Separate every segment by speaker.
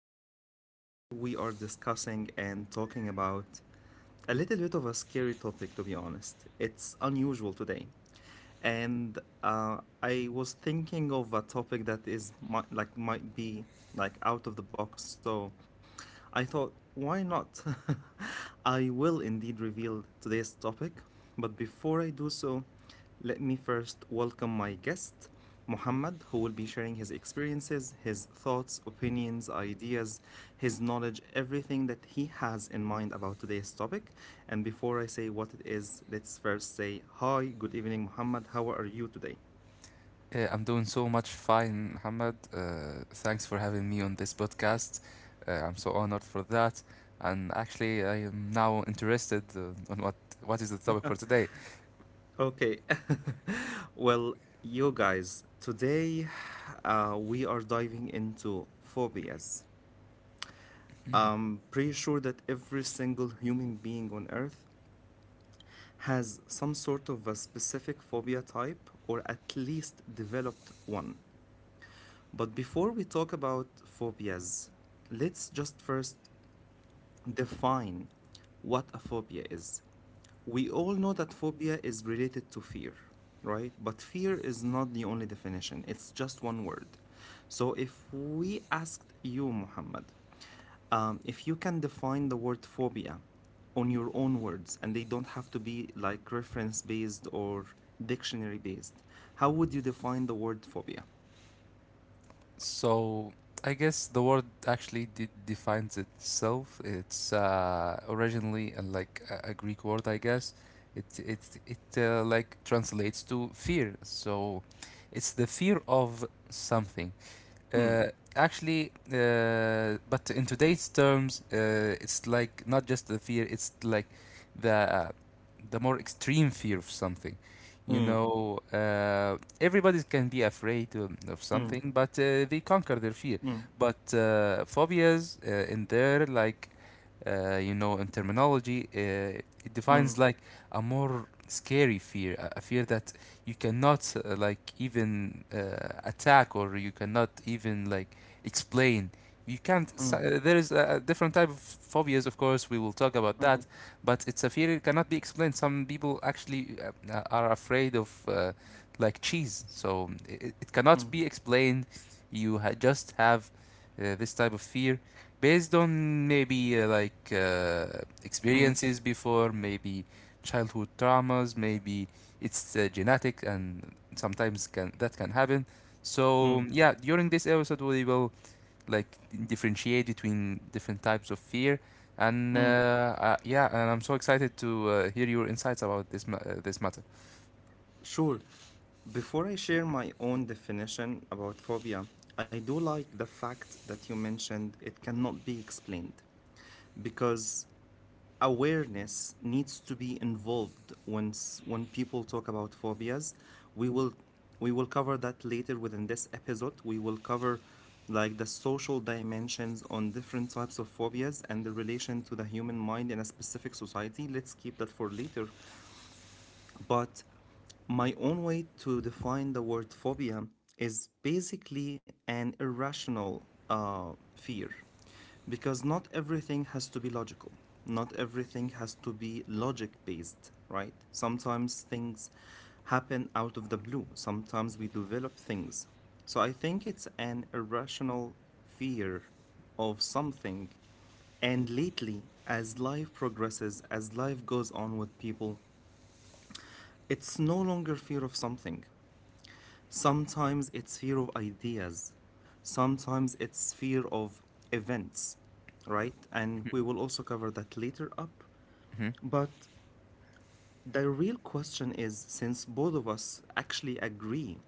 Speaker 1: and today we are discussing and talking about a little bit of a scary topic, to be honest. It's unusual today. And I was thinking of a topic that is might, like might be like out of the box, so I thought, why not? I will indeed reveal today's topic, but before I do so, let me first welcome my guest, Muhammad, who will be sharing his experiences, his thoughts, opinions, ideas, his knowledge, everything that he has in mind about today's topic. And before I say what it is, let's first say hi, good evening, Muhammad. How are you today?
Speaker 2: Yeah, I'm doing so much fine, Muhammad. Thanks for having me on this podcast. I'm so honored for that. And actually, I am now interested on what is the topic for today.
Speaker 1: Okay. Well, you guys, today we are diving into phobias. I'm pretty sure that every single human being on earth has some sort of a specific phobia type or at least developed one. But before we talk about phobias, let's just first define what a phobia is. We all know that phobia is related to fear, right? But fear is not the only definition, it's just one word. So if we asked you, Muhammad, if you can define the word phobia on your own words and they don't have to be like reference based or dictionary based, how would you define the word phobia?
Speaker 2: So I guess the word actually defines itself. It's originally like a Greek word, I guess. It it it like translates to fear. So it's the fear of something.
Speaker 1: Mm,
Speaker 2: Uh, but in today's terms, it's like not just the fear; it's like the uh, the more extreme fear of something. You
Speaker 1: mm,
Speaker 2: know, everybody can be afraid of
Speaker 1: mm,
Speaker 2: something, but they conquer their fear.
Speaker 1: mm,
Speaker 2: But phobias in there, like you know, in terminology, it defines
Speaker 1: mm,
Speaker 2: like a more scary fear, a fear that you cannot like even attack, or you cannot even like explain. You can't s-
Speaker 1: mm,
Speaker 2: There is a different type of phobias. Of course, we will talk about that,
Speaker 1: mm,
Speaker 2: but it's a fear, it cannot be explained. Some people actually are afraid of like cheese. So it cannot
Speaker 1: mm,
Speaker 2: be explained. Just have this type of fear based on maybe like
Speaker 1: mm,
Speaker 2: experiences before, maybe childhood traumas, maybe it's genetic, and sometimes can that can happen. So
Speaker 1: mm,
Speaker 2: yeah, during this episode, we will like differentiate between different types of fear, and
Speaker 1: mm,
Speaker 2: yeah, and I'm so excited to hear your insights about this matter.
Speaker 1: Sure. Before I share my own definition about phobia, I do like the fact that you mentioned it cannot be explained because awareness needs to be involved once when people talk about phobias. We will we will cover that later within this episode. We will cover like the social dimensions on different types of phobias and the relation to the human mind in a specific society. Let's keep that for later, but my own way to define the word phobia is basically an irrational fear, because not everything has to be logical. Not everything has to be logic based, right? Sometimes things happen out of the blue. Sometimes we develop things. So I think it's an irrational fear of something, and lately, as life progresses, as life goes on with people, it's no longer fear of something. Sometimes it's fear of ideas. Sometimes it's fear of events, right? And we will also cover that later up.
Speaker 2: Hmm.
Speaker 1: But the real question is, since both of us actually agree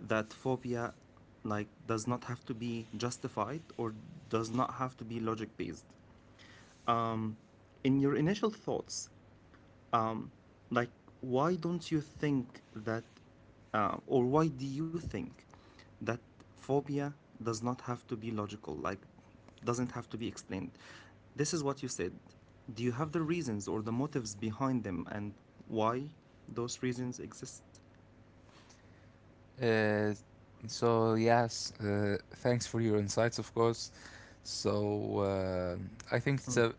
Speaker 1: that phobia like does not have to be justified or does not have to be logic based. Um in your initial thoughts, like, why don't you think that, or why do you think that phobia does not have to be logical, like, doesn't have to be explained? This is what you said. Do you have the reasons or the motives behind them, and why those reasons exist?
Speaker 2: uh, so yes, thanks for your insights, of course. So I think it's
Speaker 1: Mm.
Speaker 2: a.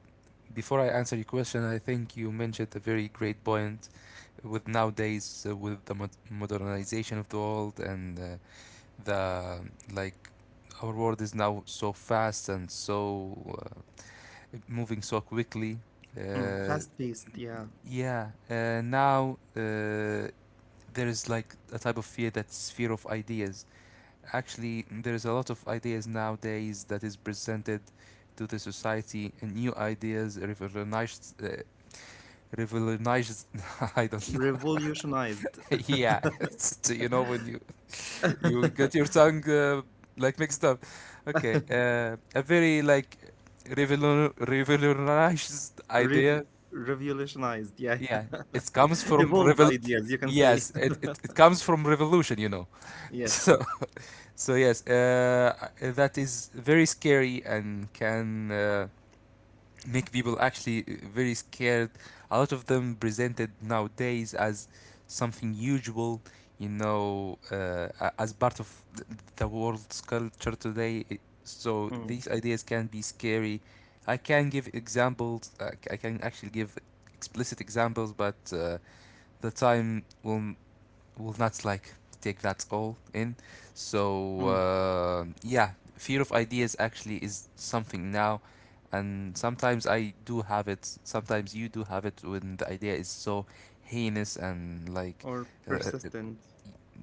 Speaker 2: Before I answer your question, I think you mentioned a very great point. With nowadays, with the modernization of the world, and the like our world is now so fast and so uh, moving so quickly.
Speaker 1: Mm,
Speaker 2: uh,
Speaker 1: fast-paced, yeah.
Speaker 2: yeah Now, there is like a type of fear, that's fear of ideas. Actually, there is a lot of ideas nowadays that is presented to the society, and new ideas revolutionized, revolutionized. I don't know.
Speaker 1: Revolutionized.
Speaker 2: Yeah. So you know, when you get your tongue like mixed up. Okay, a very like revolutionized
Speaker 1: Rev-
Speaker 2: idea.
Speaker 1: Revolutionized, yeah.
Speaker 2: Yeah, it comes from
Speaker 1: Evolved
Speaker 2: revol.
Speaker 1: ideas, you can say.
Speaker 2: Yes, it comes from revolution, you know.
Speaker 1: Yes.
Speaker 2: So so yes, that is very scary and can make people actually very scared. A lot of them presented nowadays as something usual, you know, as part of th- the world's culture today. It. So
Speaker 1: Mm,
Speaker 2: these ideas can be scary. I can give examples. I can actually give explicit examples, but the time will not like take that all in. So
Speaker 1: mm.
Speaker 2: yeah, fear of ideas actually is something now, and sometimes I do have it. Sometimes you do have it when the idea is so heinous and like
Speaker 1: Or
Speaker 2: uh, uh,
Speaker 1: persistent.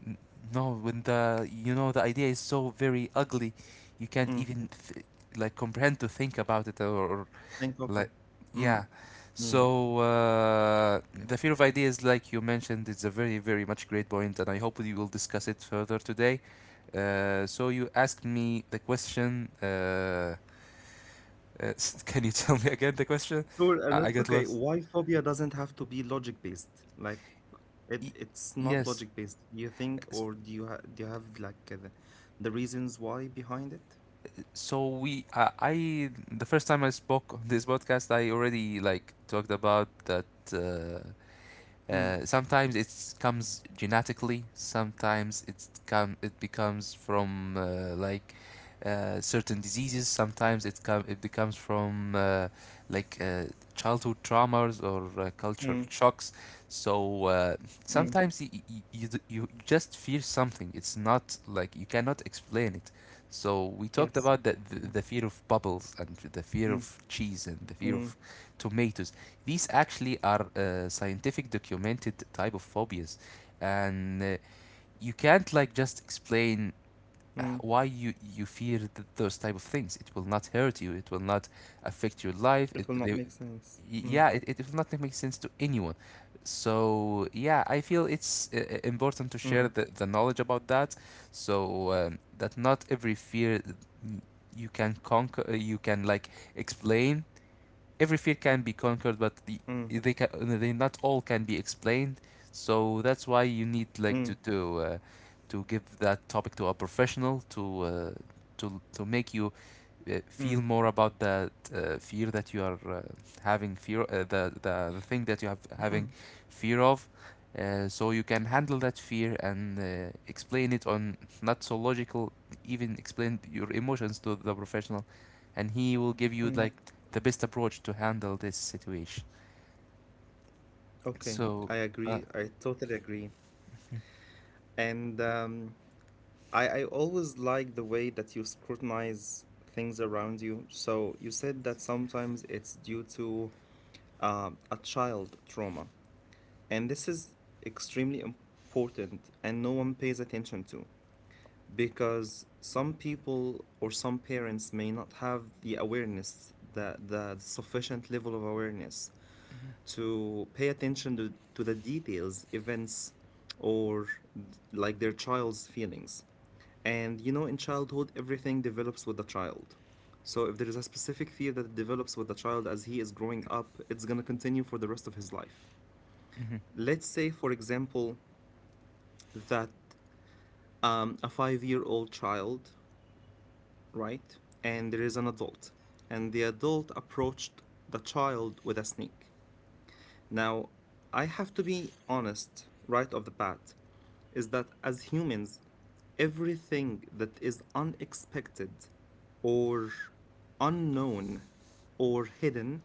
Speaker 2: n- no, when the you know the idea is so very ugly, you
Speaker 1: Mm,
Speaker 2: can't even like comprehend to think about it, or
Speaker 1: think of it.
Speaker 2: like,
Speaker 1: Mm,
Speaker 2: yeah.
Speaker 1: mm.
Speaker 2: So the fear of ideas, like you mentioned, it's a very, very much great point, and I hope we will discuss it further today. So you asked me the question. Can you tell me again the question?
Speaker 1: Sure, and
Speaker 2: I
Speaker 1: it's
Speaker 2: got
Speaker 1: okay.
Speaker 2: lost.
Speaker 1: Why phobia doesn't have to be logic based? Like it,
Speaker 2: Y-
Speaker 1: it's not
Speaker 2: Yes.
Speaker 1: logic based. Do you think,
Speaker 2: S-
Speaker 1: or do you ha do you have like the reasons why behind it?
Speaker 2: So the first time I spoke on this podcast, I already like talked about that. Uh,
Speaker 1: Mm,
Speaker 2: Sometimes it comes genetically. Sometimes it becomes from like certain diseases. Sometimes it becomes from like childhood traumas or cultural
Speaker 1: mm,
Speaker 2: shocks. So
Speaker 1: mm.
Speaker 2: sometimes you just feel something. It's not like you cannot explain it. So we talked
Speaker 1: Yes.
Speaker 2: about the, the
Speaker 1: Mm,
Speaker 2: the fear of bubbles and the fear of
Speaker 1: mm,
Speaker 2: cheese and the fear of
Speaker 1: mm,
Speaker 2: tomatoes. These actually are scientific documented type of phobias, and you can't like just explain
Speaker 1: mm.
Speaker 2: why you fear those type of things. It will not hurt you. It will not affect your life.
Speaker 1: It will not make sense. Mm,
Speaker 2: Yeah, it will not make sense to anyone. So yeah, I feel it's important to share
Speaker 1: mm,
Speaker 2: the knowledge about that, so that not every fear mm, you can conquer, you can like explain. Every fear can be conquered, but
Speaker 1: mm,
Speaker 2: they can, they not all can be explained. So that's why you need like to
Speaker 1: mm,
Speaker 2: to give that topic to a professional to make
Speaker 1: mm.
Speaker 2: you feel more about that fear that you are having fear the thing that you have having fear of, so you can handle that fear and explain it on not so logical, even explain your emotions to the professional, and he will give
Speaker 1: Mm.
Speaker 2: you like the best approach to handle this situation.
Speaker 1: Okay,
Speaker 2: So
Speaker 1: I agree.
Speaker 2: uh,
Speaker 1: I totally agree. And I always like the way that you scrutinize things around you. So you said that sometimes it's due to a child trauma, and this is extremely important, and no one pays attention to because some people or some parents may not have the awareness, the sufficient level of awareness to pay attention to the details, events, or like their child's feelings. And you know, in childhood, everything develops with the child. So if there is a specific fear that develops with the child as he is growing up, it's going to continue for the rest of his life.
Speaker 2: mhm,
Speaker 1: Let's say, for example, that a 5-year old child, right? And there is an adult, and the adult approached the child with a snake. Now, I have to be honest right off the bat is that as humans, everything that is unexpected or unknown or hidden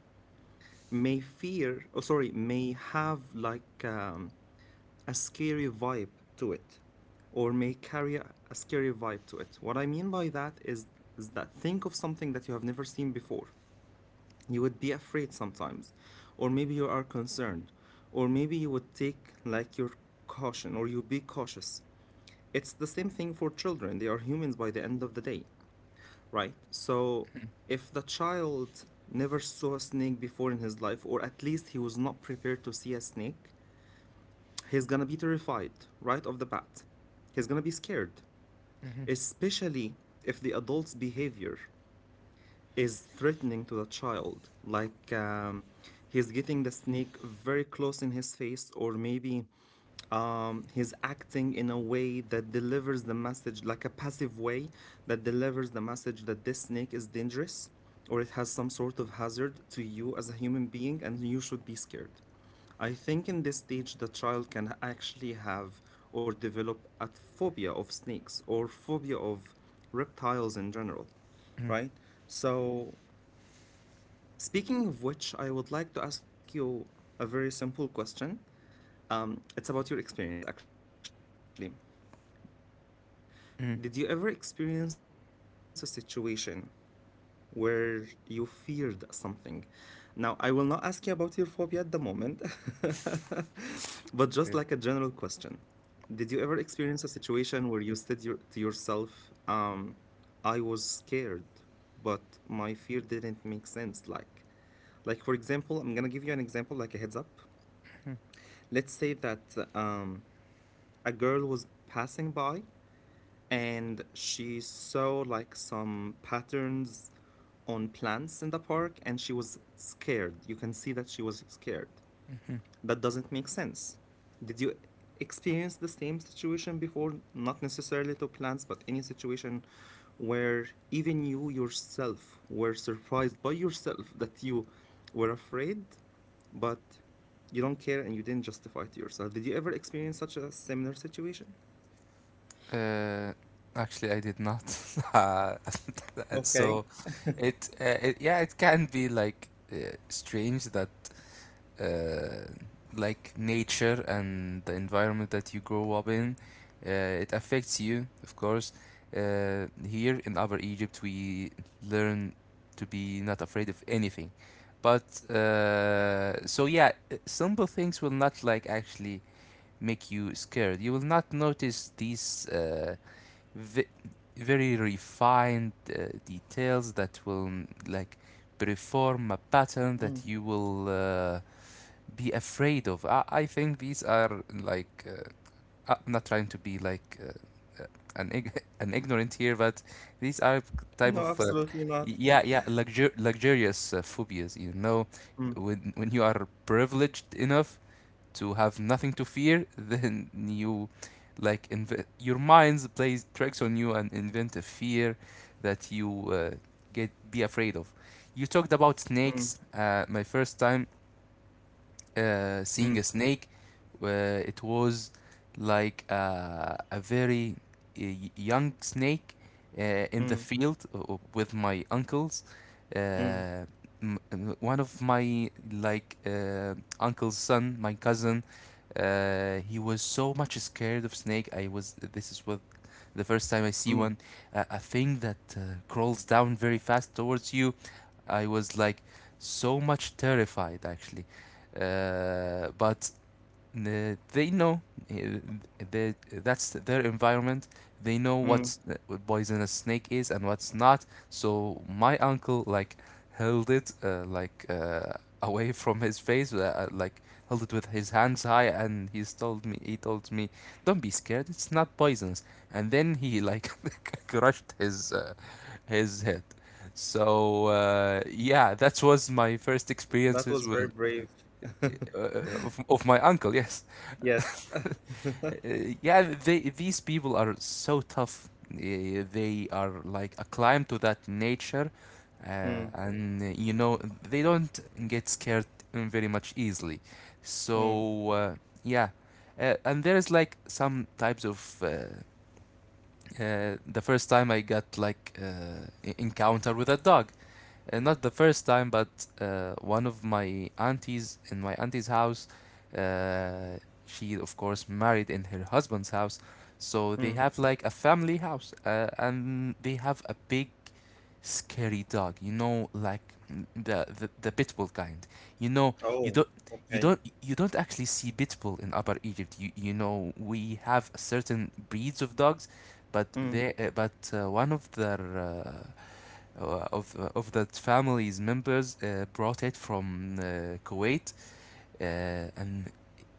Speaker 1: may fear, oh, sorry, may have like a scary vibe to it, or may carry a scary vibe to it. What I mean by that is that think of something that you have never seen before. You would be afraid sometimes, or maybe you are concerned, or maybe you would take like your caution, or you be cautious. It's the same thing for children. They are humans by the end of the day, right? So if the child never saw a snake before in his life, or at least he was not prepared to see a snake, he's gonna be terrified right off the bat. He's gonna be scared,
Speaker 2: mhm,
Speaker 1: especially if the adult's behavior is threatening to the child. Like he's getting the snake very close in his face, or maybe he's acting in a way that delivers the message like a passive way that delivers the message that this snake is dangerous, or it has some sort of hazard to you as a human being and you should be scared. I think in this stage the child can actually have or develop a phobia of snakes or phobia of reptiles in general,
Speaker 2: mhm,
Speaker 1: right? So, speaking of which, I would like to ask you a very simple question. It's about your experience, actually. Did you ever experience a
Speaker 2: mhm,
Speaker 1: situation where you feared something? Now, I will not ask you about your phobia at the moment, but just like a general question. Did you ever experience a situation where you said your, to yourself, I was scared, but my fear didn't make sense? Like for example, I'm gonna give you an example, like a heads up. Let's say that um, a girl was passing by and she saw like some patterns on plants in the park and she was scared. You can see that she was scared. That doesn't
Speaker 2: mhm.
Speaker 1: make sense. Did you experience the same situation before? Not necessarily to plants, but any situation where even you yourself were surprised by yourself that you were afraid, but you don't care and you didn't justify to yourself. Did you ever experience such a similar situation?
Speaker 2: Uh, Actually I did not. uh, So
Speaker 1: Okay.
Speaker 2: it, it yeah, it can be like strange that uh, like nature and the environment that you grow up in, it affects you, of course. Here in our Egypt, we learn to be not afraid of anything. But so yeah, simple things will not like actually make you scared. You will not notice these ve- very refined details that will mm, like perform a
Speaker 1: Mm.
Speaker 2: pattern that you will be afraid of. I think these are like I'm not trying to be like an ignorant here, but these are
Speaker 1: No,
Speaker 2: type of
Speaker 1: absolutely not.
Speaker 2: luxurious phobias. You know,
Speaker 1: Mm,
Speaker 2: when you are privileged enough to have nothing to fear, then you like your mind plays tricks on you and invent a fear that you get be afraid of. You talked about
Speaker 1: mm,
Speaker 2: snakes. My first time
Speaker 1: mm,
Speaker 2: seeing a snake. It was like a very uh, young snake uh, in the
Speaker 1: mm,
Speaker 2: field with my uncles.
Speaker 1: mm,
Speaker 2: Uh, One of my like uncle's son, my cousin, he was so much scared of snake. I was. This is what the first time I see
Speaker 1: mm,
Speaker 2: one, a thing that crawls down very fast towards you. I was like so much terrified, actually. But They know uh, they, that's their environment. They know
Speaker 1: mm.
Speaker 2: what's what poisonous snake is and what's not. So my uncle like held it like away from his face, like held it with his hands high, and he told me, "Don't be scared. It's not poisonous." And then he like crushed his head. So yeah, that was my first
Speaker 1: That
Speaker 2: experiences
Speaker 1: was very
Speaker 2: with
Speaker 1: brave.
Speaker 2: uh, of my uncle. Yes.
Speaker 1: Yes.
Speaker 2: Yeah, they these people are so tough. They are like acclimed to that nature,
Speaker 1: Mm,
Speaker 2: and you know, they don't get scared very much easily.
Speaker 1: mm,
Speaker 2: So yeah, and there is like some types of. The first time I got like encounter with a dog, not the first time, but one of my aunties in my auntie's house, uh, she of course married in her husband's house, so they
Speaker 1: mm.
Speaker 2: have like a family house, and they have a big, scary dog. You know, like mm, the pit bull kind. You know, you
Speaker 1: Oh,
Speaker 2: don't. You don't
Speaker 1: okay.
Speaker 2: you don't actually see pit bull in Upper Egypt. You know we have certain breeds of dogs, but
Speaker 1: Mm,
Speaker 2: they but one of their of that family's members brought it from Kuwait, uh, and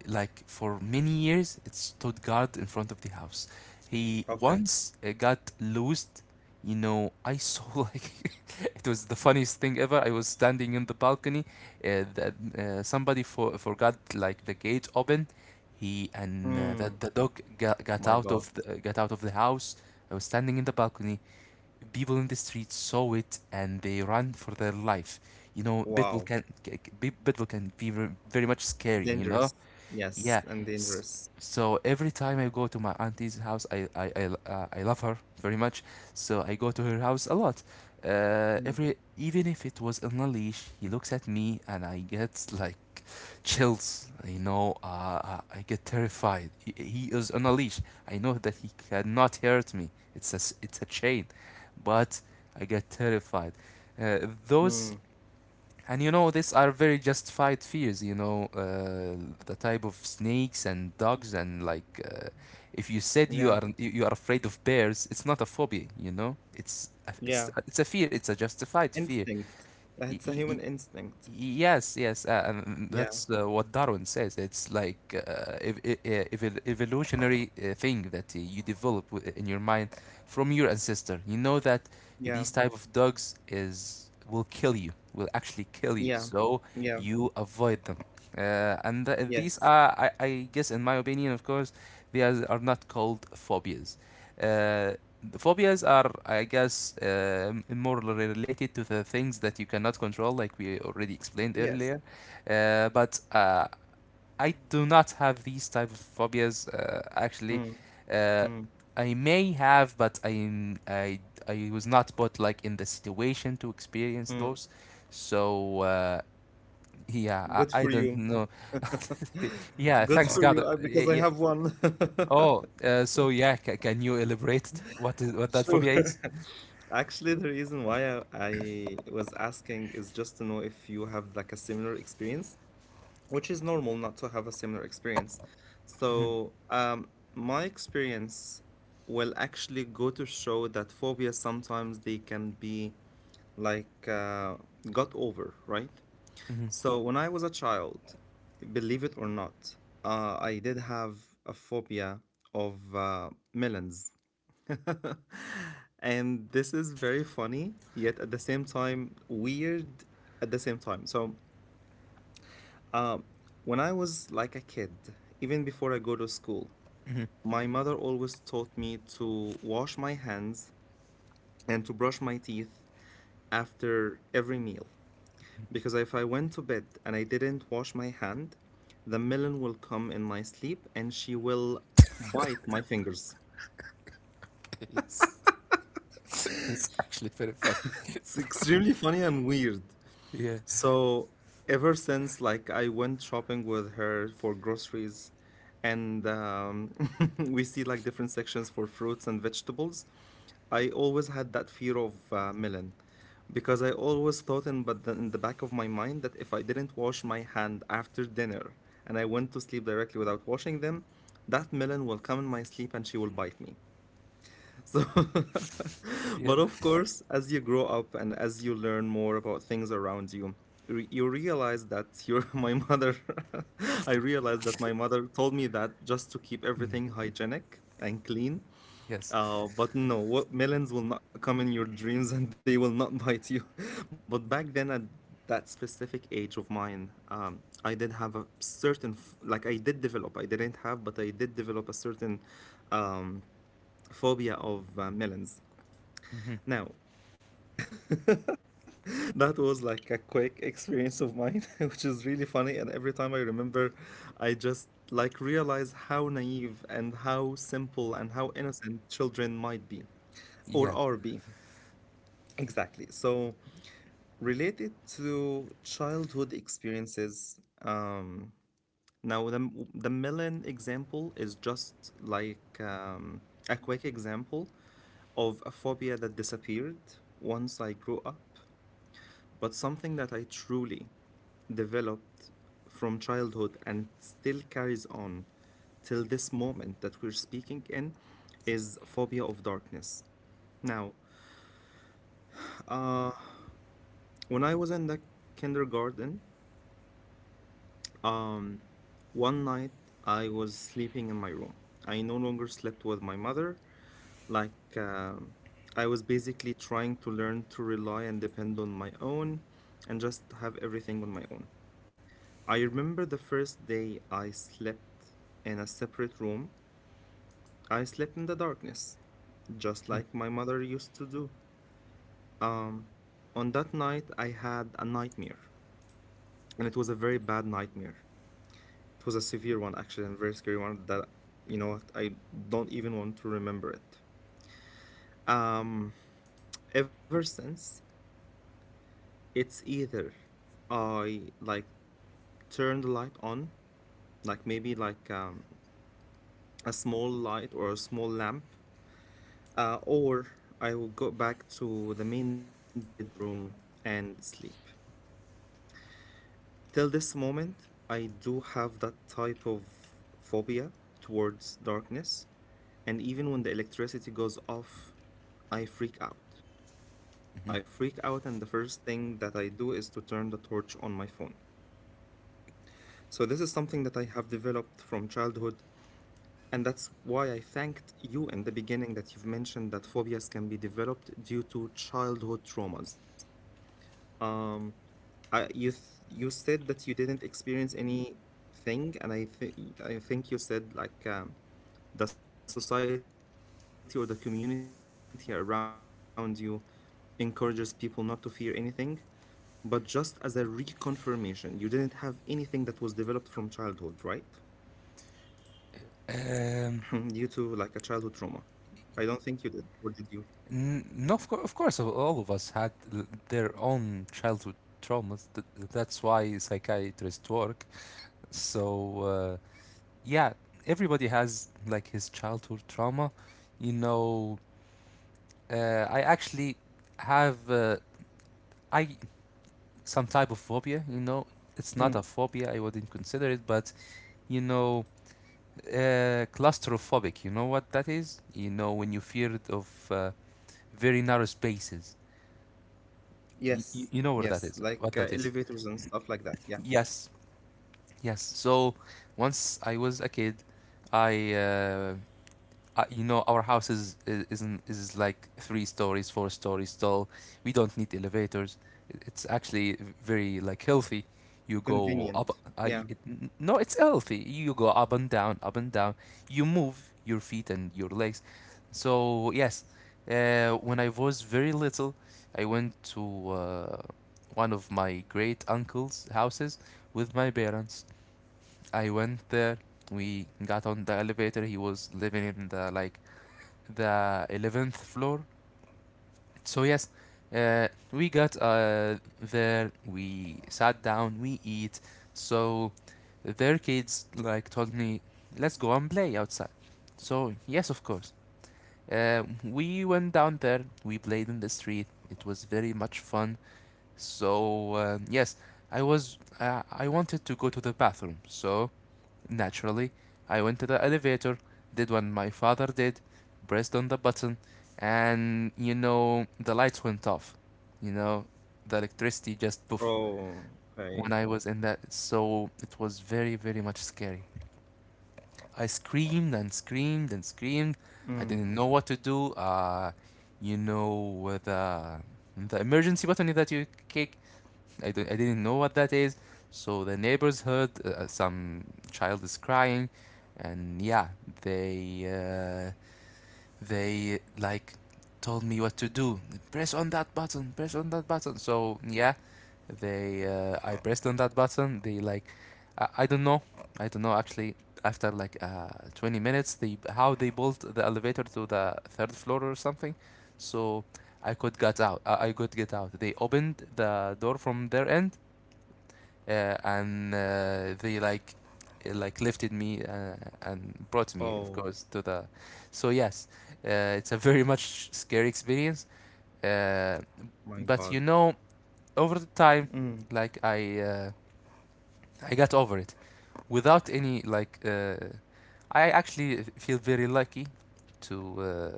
Speaker 2: like for many years it stood guard in front of the house. He
Speaker 1: okay.
Speaker 2: once got loosed. You know, I saw like it was the funniest thing ever. I was standing in the balcony. That Somebody forgot like the gate open, He and that
Speaker 1: Mm.
Speaker 2: the dog got
Speaker 1: My
Speaker 2: out
Speaker 1: God.
Speaker 2: of the, got out of the house. I was standing in the balcony. People in the street saw it and they ran for their life. You know, Pitbull
Speaker 1: Wow.
Speaker 2: can ca- ca- pit- Pitbull can be very much scary. You know,
Speaker 1: Dangerous.
Speaker 2: yeah.
Speaker 1: Yes, and
Speaker 2: S-
Speaker 1: dangerous.
Speaker 2: So every time I go to my auntie's house, I love her very much. So I go to her house a lot.
Speaker 1: Mm,
Speaker 2: Every even if it was on a leash, he looks at me and I get like chills. You know, I get terrified. He is on a leash. I know that he cannot hurt me. It's a, it's a chain, but I get terrified. Uh,
Speaker 1: mm.
Speaker 2: those And you know, these are very justified fears. You know, the type of snakes and dogs and like. If you said you
Speaker 1: Yeah,
Speaker 2: are you you are afraid of bears, it's not a phobia, you know. It's
Speaker 1: yeah.
Speaker 2: a fear. It's a justified fear.
Speaker 1: Instinct.
Speaker 2: Y-
Speaker 1: It's a
Speaker 2: y-
Speaker 1: human
Speaker 2: y-
Speaker 1: instinct.
Speaker 2: Yes, yes,
Speaker 1: Yeah,
Speaker 2: that's what Darwin says. It's like ev e- e- evol- evolutionary thing that you develop in your mind from your ancestor. You know that
Speaker 1: yeah,
Speaker 2: these type of dogs is will kill you, will actually kill you,
Speaker 1: yeah,
Speaker 2: so
Speaker 1: yeah.
Speaker 2: you avoid them. And th These
Speaker 1: Yes,
Speaker 2: are, I guess, in my opinion, of course, they are not called phobias. Uh, the phobias are, I guess, more related to the things that you cannot control, like we already explained
Speaker 1: yes.
Speaker 2: earlier. But I do not have these type of phobias. Actually,
Speaker 1: Mm,
Speaker 2: uh,
Speaker 1: mm,
Speaker 2: I may have, but I was not put like in the situation to experience
Speaker 1: mm.
Speaker 2: those. So, yeah,
Speaker 1: Good
Speaker 2: I
Speaker 1: for
Speaker 2: don't
Speaker 1: you.
Speaker 2: know. Yeah,
Speaker 1: Good
Speaker 2: thanks
Speaker 1: for
Speaker 2: God.
Speaker 1: you because I have one.
Speaker 2: Oh, so yeah, ca can you elaborate what is what that
Speaker 1: Sure.
Speaker 2: phobia is?
Speaker 1: Actually, the reason why I was asking is just to know if you have like a similar experience, which is normal not to have a similar experience.
Speaker 2: Hmm.
Speaker 1: So, my experience will actually go to show that phobia sometimes they can be like got over, right?
Speaker 2: Hmm.
Speaker 1: So when I was a child, believe it or not, I did have a phobia of melons. And this is very funny, yet at the same time weird at the same time. So when I was like a kid, even before I go to school,
Speaker 2: Hmm.
Speaker 1: my mother always taught me to wash my hands and to brush my teeth after every meal. Because if I went to bed and I didn't wash my hand, the melon will come in my sleep and she will bite my fingers.
Speaker 2: It's, it's actually very funny.
Speaker 1: It's extremely funny and weird.
Speaker 2: Yeah,
Speaker 1: So ever since like I went shopping with her for groceries and we see like different sections for fruits and vegetables, I always had that fear of melon because I always thought in but the, in the back of my mind that if I didn't wash my hand after dinner and I went to sleep directly without washing them, that melon will come in my sleep and she will bite me. So,
Speaker 2: yeah,
Speaker 1: but of course, as you grow up and as you learn more about things around you, you realize that your my mother, I realized that my mother told me that just to keep everything hygienic and clean.
Speaker 2: yes.
Speaker 1: But no, what, melons will not come in your dreams and they will not bite you. But back then, at that specific age of mine, I did have a certain, like I did develop, I didn't have, but I did develop a certain um, phobia of melons.
Speaker 2: Hmm.
Speaker 1: Now, that was like a quick experience of mine, which is really funny. And every time I remember, I just like realize how naive and how simple and how innocent children might be or
Speaker 2: Yeah.
Speaker 1: are be. Exactly. So, related to childhood experiences, now the Milan example is just like a quick example of a phobia that disappeared once I grew up, but something that I truly developed from childhood and still carries on till this moment that we're speaking in is phobia of darkness. Now, when I was in the kindergarten, um, one night I was sleeping in my room. I no longer slept with my mother. Like, I was basically trying to learn to rely and depend on my own and just have everything on my own. I remember the first day I slept in a separate room, I slept in the darkness, just like my mother used to do. On that night, I had a nightmare, and it was a very bad nightmare. It was a severe one, actually, and a very scary one that, you know what, I don't even want to remember it. Mm, Ever since, it's either I like turn the light on, like maybe like a small light or a small lamp, or I will go back to the main bedroom and sleep. Till this moment, I do have that type of phobia towards darkness. And even when the electricity goes off, I freak out.
Speaker 2: Mm-hmm.
Speaker 1: I freak out, and the first thing that I do is to turn the torch on my phone. So, this is something that I have developed from childhood. And that's why I thanked you in the beginning that you've mentioned that phobias can be developed due to childhood traumas. I, you th You said that you didn't experience anything, and I think you said like the society or the community around you encourages people not to fear anything. But just as a reconfirmation, you didn't have anything that was developed from childhood, right? Due to like a childhood
Speaker 2: Um,
Speaker 1: trauma. I don't think you did, or did you?
Speaker 2: no, of course, all of us had their own childhood traumas. That's why psychiatrists work. So, yeah, everybody has like his childhood trauma. You know, uh, I actually have. I some type of phobia. You know,
Speaker 1: Mm,
Speaker 2: it's not a phobia. I wouldn't consider it, but you know, claustrophobic. You know what that is? You know, when you fear of very narrow spaces.
Speaker 1: yes,
Speaker 2: You know what that
Speaker 1: yes,
Speaker 2: is?
Speaker 1: like
Speaker 2: What that is?
Speaker 1: elevators and stuff like that. Yeah,
Speaker 2: Yes, yes. So once I was a kid, I you know our house is isn't is like three stories, four stories tall. We don't need elevators. It's actually very like healthy. You go up.
Speaker 1: convenient. Yeah.
Speaker 2: No, it's healthy. You go up and down, up and down. You move your feet and your legs. So yes, when I was very little, I went to uh, one of my great uncle's houses with my parents. I went there, we got on the elevator. He was living in the like the 11th floor. So, yes,
Speaker 1: Mm.
Speaker 2: we got
Speaker 1: Wow.
Speaker 2: there, we sat down, we eat. So, their kids like told me, let's go and play outside. So, yes, of course. We went down there, we played in the street. It was very much fun. So, yes, I wanted to go to the bathroom. So, naturally, I went to the elevator, did what my father did, pressed on the button, and you know, the lights went off. You know, the electricity just poof
Speaker 1: Oh,
Speaker 2: when I
Speaker 1: okay.
Speaker 2: was in that. So it was very, very much scary. I screamed and screamed and
Speaker 1: Mm.
Speaker 2: screamed. I didn't know what to do. You know, with the emergency button that you kick, I didn't know what that is. So the neighbors heard some child is crying, and yeah, they uh, they like told me what to do. Press on that button. Press on that button. So yeah, they I pressed on that button. They like I don't know. I don't know actually. After like 20 minutes, they how they built the elevator to the third floor or something. So I could get out. I could get out. They opened the door from their end,
Speaker 1: Oh
Speaker 2: and
Speaker 1: my
Speaker 2: they
Speaker 1: God.
Speaker 2: like lifted me
Speaker 1: Mm,
Speaker 2: and brought me of course to the so yes, it's a very much scary experience. uh,
Speaker 1: mm,
Speaker 2: but you know, over the time, like
Speaker 1: it
Speaker 2: i
Speaker 1: is.
Speaker 2: uh, I got over it without any like I actually feel very lucky to uh,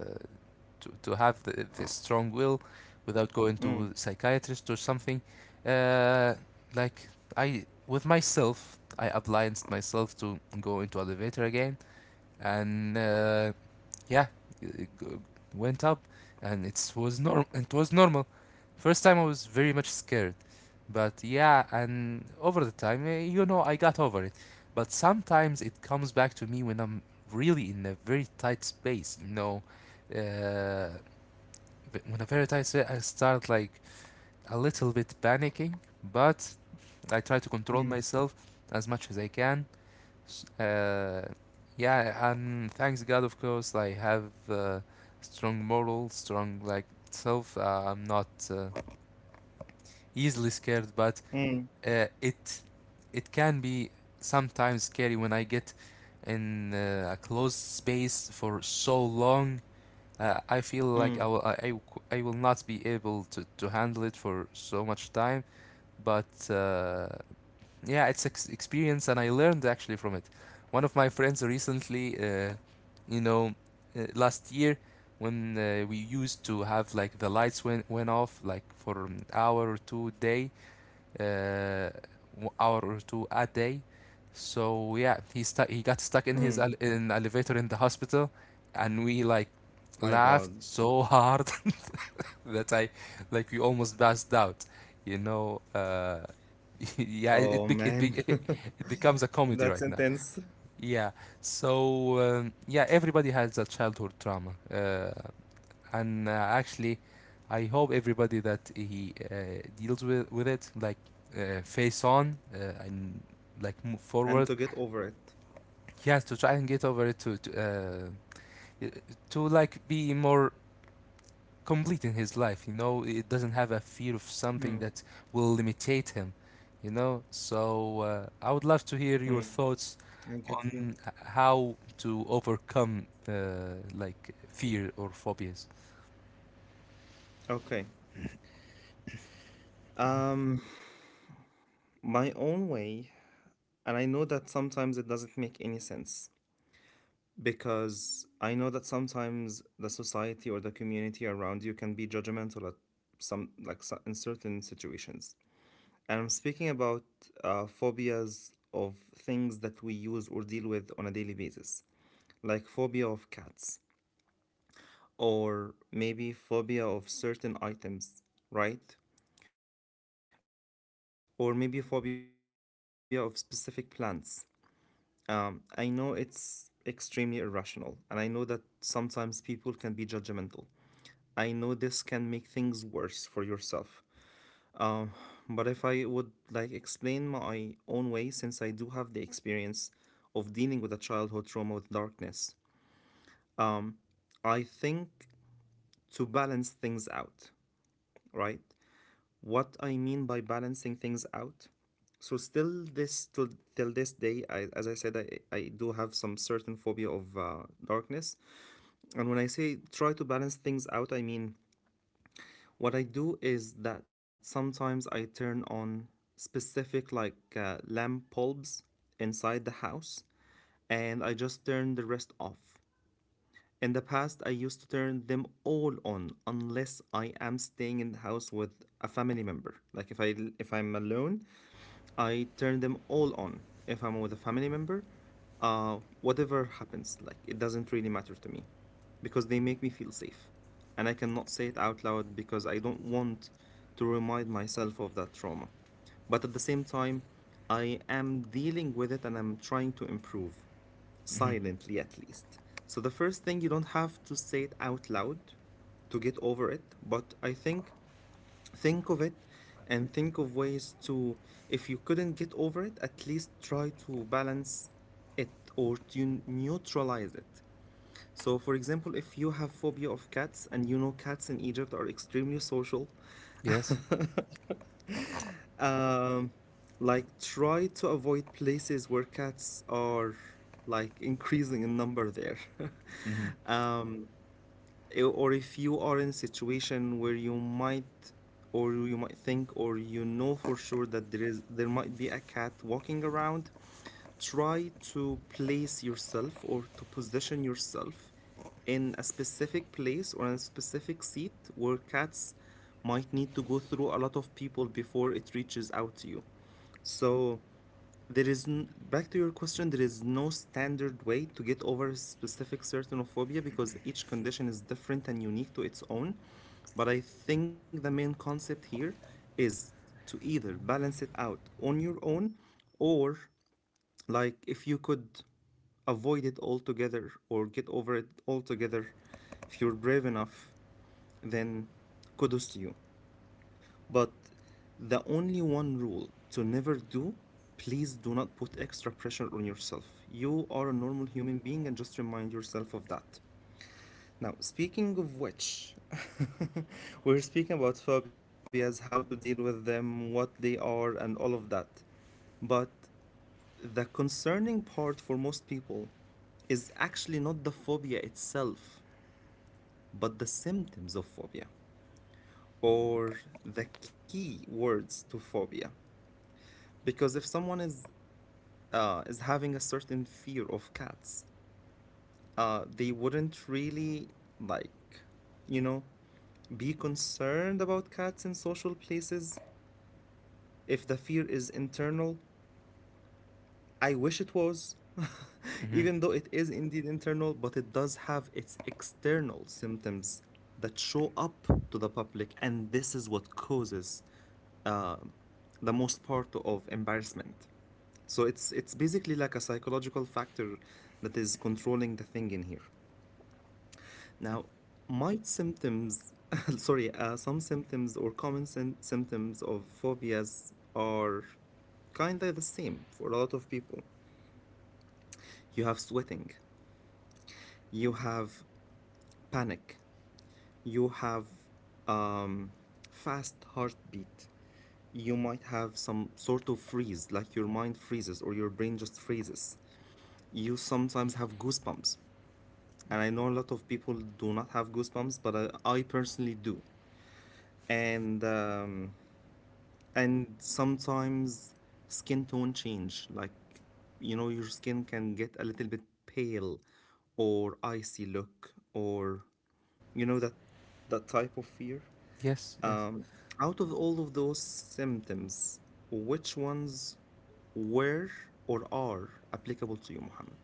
Speaker 2: to have the strong will
Speaker 1: Mm,
Speaker 2: without going to psychiatrist or something. Uh, like I with myself, I obliged myself to go into elevator again, and yeah, it went up, and it was norm. It was normal. First time I was very much scared, but yeah, and over the time, you know, I got over it. But sometimes it comes back to me when I'm really in a very tight space, you know, uh, but whenever I say I start like a little bit panicking, but I try to control
Speaker 1: mm,
Speaker 2: myself as much as I can. Uh, yeah, and thanks God, of course, I have strong moral, strong like self. I'm not uh, easily scared, but
Speaker 1: mm,
Speaker 2: it it can be sometimes scary when I get in a closed space for so long. I feel like
Speaker 1: mm,
Speaker 2: I will not be able to handle it for so much time, but yeah, it's experience and I learned actually from it. One of my friends recently, you know, last year when we used to have like the lights went off like for an hour or two a day, uh, hour or two a day. So yeah, He got stuck in his in
Speaker 1: mm.
Speaker 2: elevator in the hospital, and we like laughed
Speaker 1: My
Speaker 2: so
Speaker 1: God.
Speaker 2: hard that I like we almost passed out. You know, yeah, it,
Speaker 1: Oh
Speaker 2: bec- it be-
Speaker 1: man.
Speaker 2: it becomes a comedy
Speaker 1: That's
Speaker 2: right now.
Speaker 1: intense.
Speaker 2: Yeah. So yeah, everybody has a childhood trauma. And Actually, I hope everybody that he deals with it like face on and like move forward.
Speaker 1: And to get over it.
Speaker 2: He has to try and get over it to like be more complete in his life. You know, it doesn't have a fear of
Speaker 1: Mm,
Speaker 2: something that will limitate him, you know. So I would love to hear your
Speaker 1: mm,
Speaker 2: thoughts
Speaker 1: I get you.
Speaker 2: on how to overcome like fear or phobias.
Speaker 1: Okay. Um, my own way, and I know that sometimes it doesn't make any sense because I know that sometimes the society or the community around you can be judgmental at in certain situations. And I'm speaking about phobias of things that we use or deal with on a daily basis, like phobia of cats, or maybe phobia of certain items, right? Or maybe phobia of specific plants. I know it's extremely irrational, and I know that sometimes people can be judgmental. I know this can make things worse for yourself. Um, but if I would like explain my own way, since I do have the experience of dealing with a childhood trauma with darkness, I think to balance things out, right? What I mean by balancing things out. So still this till till this day, as I said, I do have some certain phobia of darkness. And when I say try to balance things out, I mean what I do is that sometimes I turn on specific like lamp bulbs inside the house, and I just turn the rest off. In the past, I used to turn them all on unless I am staying in the house with a family member. Like if I'm alone, I turn them all on. If I'm with a family member, whatever happens, like it doesn't really matter to me, because they make me feel safe, and I cannot say it out loud because I don't want to remind myself of that trauma. But at the same time, I am dealing with it and I'm trying to improve
Speaker 2: Hmm.
Speaker 1: silently at least. So the first thing, you don't have to say it out loud to get over it, but I think of it and think of ways to, if you couldn't get over it, at least try to balance it or to neutralize it. So, for example, if you have phobia of cats and you know cats in Egypt are extremely social,
Speaker 2: Yes.
Speaker 1: um, like try to avoid places where cats are like increasing in number there.
Speaker 2: Hmm.
Speaker 1: um, or if you are in a situation where you might, or you know for sure that there might be a cat walking around, try to place yourself or to position yourself in a specific place or in a specific seat where cats might need to go through a lot of people before it reaches out to you. So there is, back to your question, there is no standard way to get over a specific certain phobia because each condition is different and unique to its own. But I think the main concept here is to either balance it out on your own, or like, if you could avoid it altogether or get over it altogether, if you're brave enough, then kudos to you. But the only one rule to never do, please do not put extra pressure on yourself. You are a normal human being, and just remind yourself of that. Now, speaking of which, we're speaking about phobias, how to deal with them, what they are, and all of that. But the concerning part for most people is actually not the phobia itself, but the symptoms of phobia or the key words to phobia. Because if someone is having a certain fear of cats, they wouldn't really, like, you know, be concerned about cats in social places if the fear is internal. I wish it was,
Speaker 2: Hmm.
Speaker 1: even though it is indeed internal, but it does have its external symptoms that show up to the public, and this is what causes um, the most part of embarrassment. So it's basically like a psychological factor that is controlling the thing in here. Now, might symptoms, sorry, some symptoms or symptoms of phobias are kinda the same for a lot of people. You have sweating, you have panic. You have um, fast heartbeat. You might have some sort of freeze, like your mind freezes or your brain just freezes. You sometimes have goosebumps. And I know a lot of people do not have goosebumps, but I personally do. And and sometimes skin tone change, like you know your skin can get a little bit pale or icy look, or you know that, that type of fear.
Speaker 2: Yes, yes.
Speaker 1: um, out of all of those symptoms, which ones were or are applicable to you, Muhammad?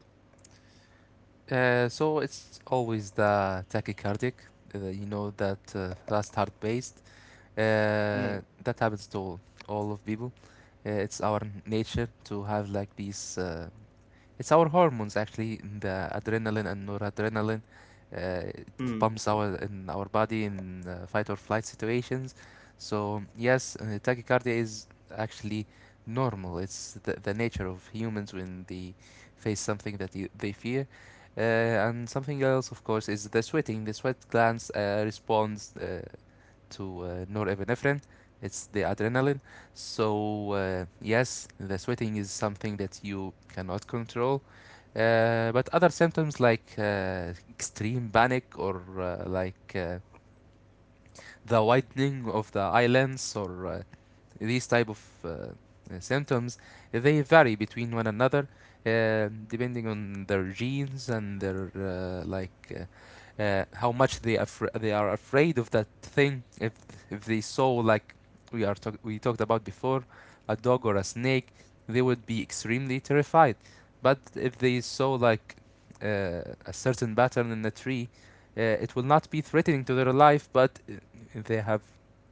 Speaker 2: So it's always the tachycardic, you know, that fast heart based.
Speaker 1: Mm,
Speaker 2: That happens to all of people. It's our nature to have like these it's our hormones actually, the adrenaline and noradrenaline. It
Speaker 1: mm,
Speaker 2: pumps our in our body in fight or flight situations. So yes, tachycardia is actually normal. It's the nature of humans when they face something that they fear. Uh, and something else, of course, is the sweating. The sweat glands responds. To norepinephrine. It's the adrenaline. So yes, the sweating is something that you cannot control. But other symptoms like extreme panic or the whitening of the eyelids or these type of symptoms, they vary between one another depending on their genes and their how much they are afraid of that thing. If they saw like we talked about before, a dog or a snake, they would be extremely terrified. But if they saw like a certain pattern in a tree, it will not be threatening to their life, but they have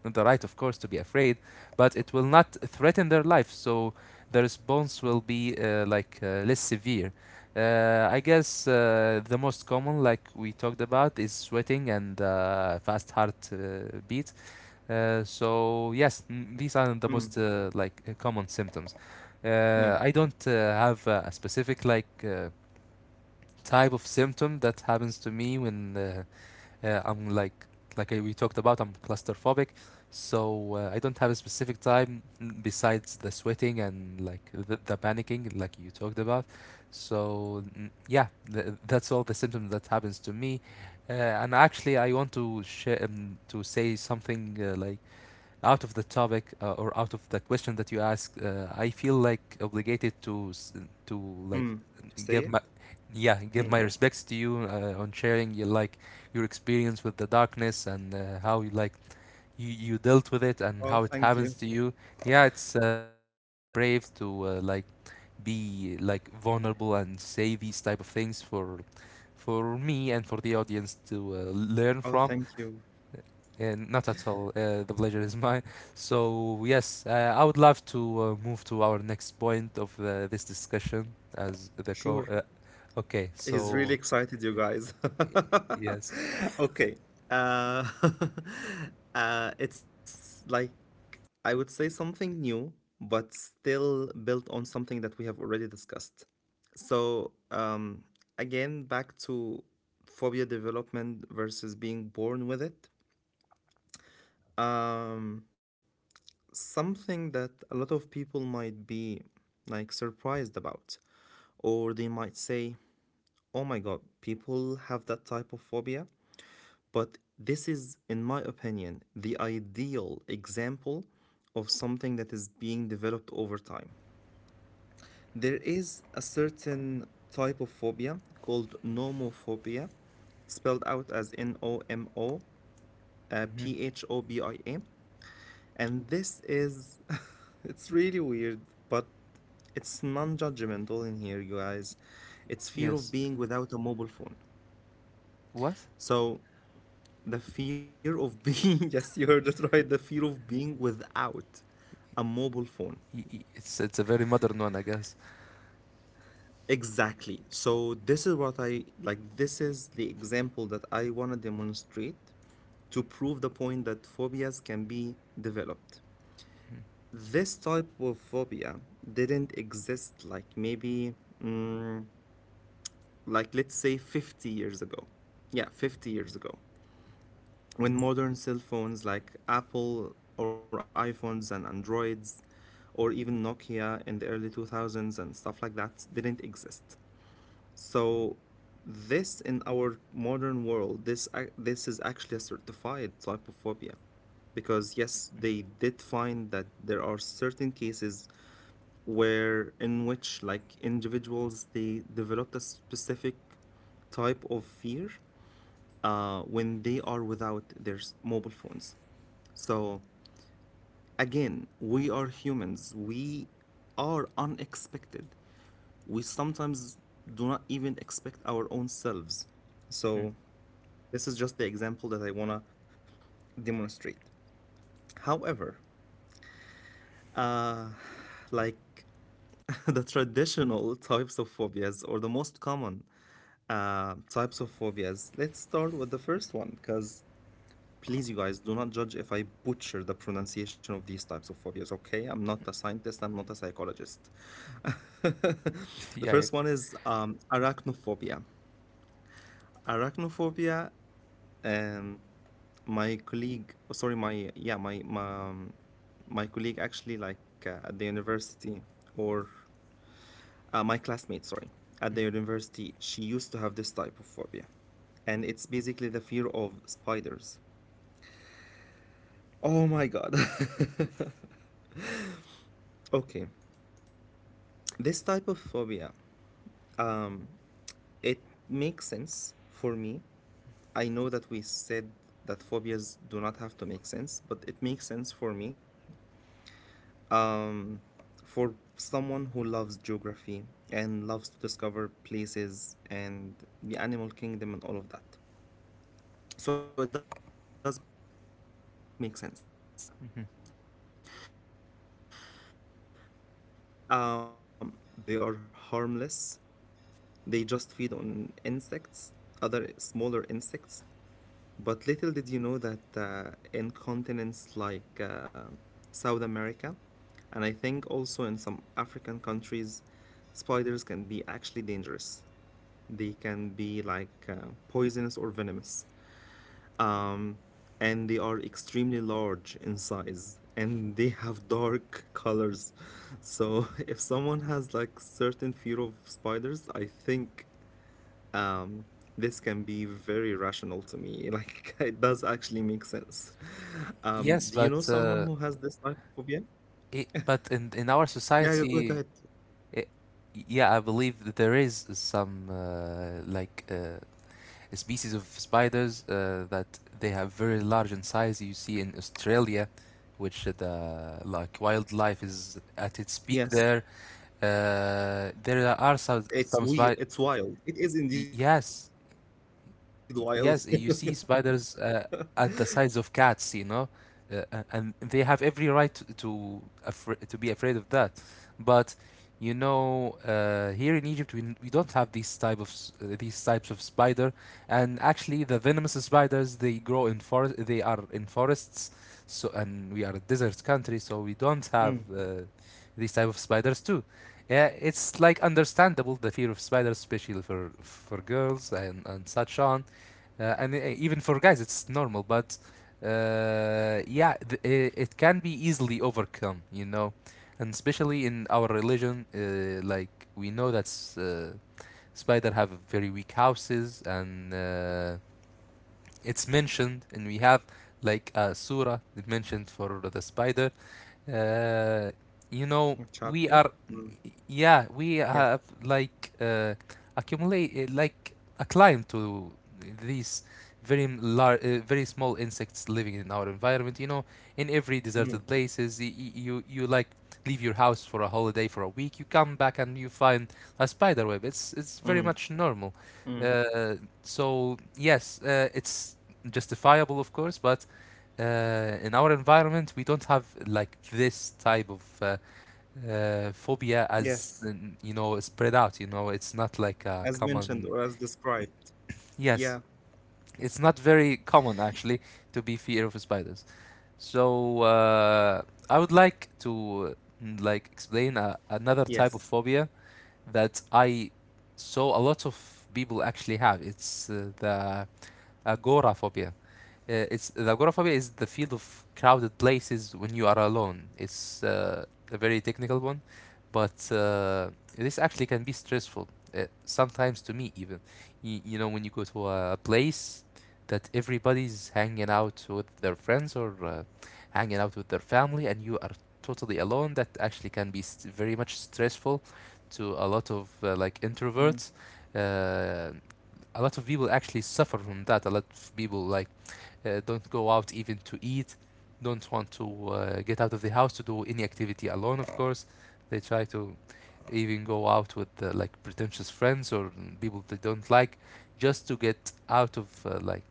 Speaker 2: the right, of course, to be afraid, but it will not threaten their life. So the response will be less severe. I guess the most common, like we talked about, is sweating and fast heart beat. So yes, these are the most
Speaker 1: mm,
Speaker 2: common symptoms. I
Speaker 1: mm,
Speaker 2: don't have a specific like type of symptom that happens to me when I'm like I, we talked about, I'm claustrophobic, so I don't have a specific time besides the sweating and like the panicking, like you talked about. So yeah, that's all the symptoms that happens to me. And actually, I want to share to say something like out of the topic or out of the question that you ask, I feel like obligated to to like
Speaker 1: mm.
Speaker 2: give
Speaker 1: Say
Speaker 2: my
Speaker 1: it.
Speaker 2: yeah give my
Speaker 1: Mm.
Speaker 2: respects to you on sharing your like your experience with the darkness and how you like you dealt with it and how
Speaker 1: Oh,
Speaker 2: it
Speaker 1: thank
Speaker 2: happens to
Speaker 1: you.
Speaker 2: you. Yeah, it's actually very brave to like be like vulnerable and say these type of things for me and for the audience to learn
Speaker 1: Oh,
Speaker 2: from
Speaker 1: thank you.
Speaker 2: and not at all. The pleasure is mine. So yes, I would love to move to our next point of this discussion as the co.
Speaker 1: Sure.
Speaker 2: Okay,
Speaker 1: He's really
Speaker 2: so
Speaker 1: excited, you guys.
Speaker 2: y- yes,
Speaker 1: Okay. uh, it's like, I would say something new but still built on something that we have already discussed. So, again, back to phobia development versus being born with it. Um, something that a lot of people might be like surprised about, or they might say, oh my God, people have that type of phobia. But this is, in my opinion, the ideal example of something that is being developed over time. There is a certain type of phobia called nomophobia, spelled out as NOMO
Speaker 2: hmm
Speaker 1: PHOBIA. And this is, it's really weird, but it's non judgmental in here, you guys. It's fear of
Speaker 2: yes.
Speaker 1: being without a mobile phone.
Speaker 2: What?
Speaker 1: So, the fear of being, yes, you heard it right, the fear of being without a mobile phone.
Speaker 2: It's a very modern one, I guess.
Speaker 1: Exactly. So this is what I like. This is the example that I want to demonstrate to prove the point that phobias can be developed. This type of phobia didn't exist like maybe, mm, like let's say 50 years ago. Yeah, 50 years ago. When modern cell phones like Apple or iPhones and Androids or even Nokia in the early 2000s and stuff like that didn't exist. So this, in our modern world, this is actually a certified type of phobia because, yes, they did find that there are certain cases where in which like individuals, they developed a specific type of fear when they are without mobile phones. So again, we are humans. We are unexpected. We sometimes do not even expect our own selves.
Speaker 2: Mm-hmm.
Speaker 1: So this is just the example that I want to demonstrate. However, like, the traditional types of phobias or the most common types of phobias, let's start with the first one because, please, you guys, do not judge if I butcher the pronunciation of these types of phobias, okay? I'm not a scientist, I'm not a psychologist. The
Speaker 2: Yeah. Yeah.
Speaker 1: first one is arachnophobia. Arachnophobia. um, my colleague, oh, sorry, my yeah my, um, my colleague actually, like at the university or my classmate, sorry, at the university, she used to have this type of phobia, and it's basically the fear of spiders. Oh my god. okay. This type of phobia, it makes sense for me. I know that we said that phobias do not have to make sense, but it makes sense for me, for someone who loves geography and loves to discover places and the animal kingdom and all of that. So it does
Speaker 2: Mhm.
Speaker 1: make sense. Um, because even though spiders in Egypt are very little in size, they are harmless. They just feed on insects, other smaller insects. But little did you know that in continents like South America, and I think also in some African countries, spiders can be actually dangerous. They can be like poisonous or venomous. Um, and they are extremely large in size and they have dark colors. So if someone has like certain fear of spiders, I think um, this can be very rational to me. Like it does actually make sense.
Speaker 2: Yes,
Speaker 1: Do you know
Speaker 2: but
Speaker 1: someone who has this type of phobia?
Speaker 2: it, but in our
Speaker 1: Yeah, yeah, go
Speaker 2: society,
Speaker 1: ahead.
Speaker 2: it, yeah, I believe that there is some species of spiders that they have very large in size. You see in Australia, which the like
Speaker 1: Yes,
Speaker 2: wildlife is at its peak there.
Speaker 1: it's we.
Speaker 2: There
Speaker 1: It's
Speaker 2: are
Speaker 1: wild. It is
Speaker 2: some
Speaker 1: indeed
Speaker 2: spiders.
Speaker 1: wild.
Speaker 2: Yes,
Speaker 1: Yeah.
Speaker 2: Yes, you see spiders at the size of cats, you know, and they have every right to be afraid of that. But you know, here in Egypt, we don't have these type of these types of spider, and actually, the venomous spiders they grow in forest. They are in forests, so and we are a
Speaker 1: Mm.
Speaker 2: desert country, so we don't have these type of spiders too. Yeah, it's like understandable the fear of spiders, especially for for girls and such on. And Even for guys, it's normal, but yeah, it can be easily overcome, you know, and especially in our religion, like we know that spider have very weak houses and it's mentioned and we have like a surah that mentioned for the spider uh,
Speaker 1: A
Speaker 2: you
Speaker 1: chapter.
Speaker 2: know we
Speaker 1: Mm.
Speaker 2: are yeah
Speaker 1: Yes.
Speaker 2: we have like accumulate like acclimated to these very small insects living in our environment, you know, in every
Speaker 1: Mm.
Speaker 2: deserted places, you like leave your house for a holiday for a week, you come back and you find a spider web. It's
Speaker 1: Mm.
Speaker 2: very much normal.
Speaker 1: Mm.
Speaker 2: Uh, so yes, it's justifiable, of course, but in our environment, we don't have like this type of phobia
Speaker 1: Yes.
Speaker 2: as, you know, spread out. You know, it's not like
Speaker 1: As
Speaker 2: a
Speaker 1: mentioned or as
Speaker 2: common.
Speaker 1: described. Yeah.
Speaker 2: Yes, it's not very common actually to be fear of spiders. So I would
Speaker 1: Yes.
Speaker 2: like to, like, explain another type of phobia that I saw a lot of people actually have. It's the agoraphobia. It's agoraphobia is the field of crowded places when you are alone. It's a very technical one, but this actually can be stressful. Sometimes to me even, you know, when you go to a place that everybody's hanging out with their friends or hanging out with their family, and you are totally alone, that actually can be very much stressful to a lot of like
Speaker 1: Mm.
Speaker 2: introverts. Uh, a lot of people actually suffer from that. A lot of people like don't go out even to eat, don't want to get out of the house to do any activity alone, of course. They try to even go out with like pretentious friends or people they don't like, just to get out of like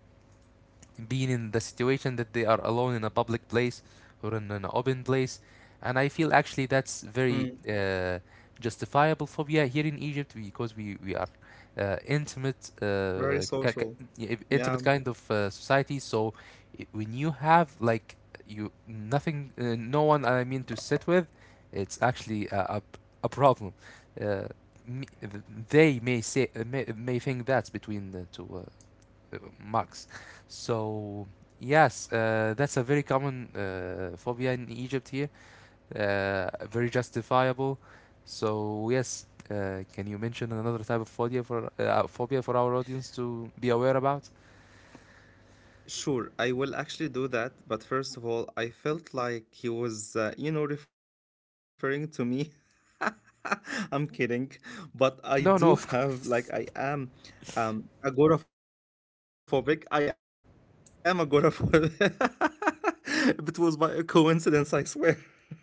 Speaker 2: being in the situation that they are alone in a public place or in an open place. And I feel actually that's
Speaker 1: Mm.
Speaker 2: very justifiable phobia here in Egypt because we are
Speaker 1: Very social.
Speaker 2: yeah,
Speaker 1: Yeah.
Speaker 2: intimate kind of society. So when you have like you nothing, no one I mean to sit with, it's actually a problem. Uh, me, th- they may say, may think that's between the two max. So yes, that's a very common phobia in Egypt here, very justifiable. So yes, can you mention another type of phobia for phobia for our audience to be aware about?
Speaker 1: Sure, I will actually do that. But first of all, I felt like he was, you know, referring to me. I'm kidding. But I do have,
Speaker 2: No, no,
Speaker 1: like,
Speaker 2: of
Speaker 1: I am
Speaker 2: course.
Speaker 1: agoraphobic. I am agoraphobic. It was by a coincidence, I swear. I know it's a coincidence,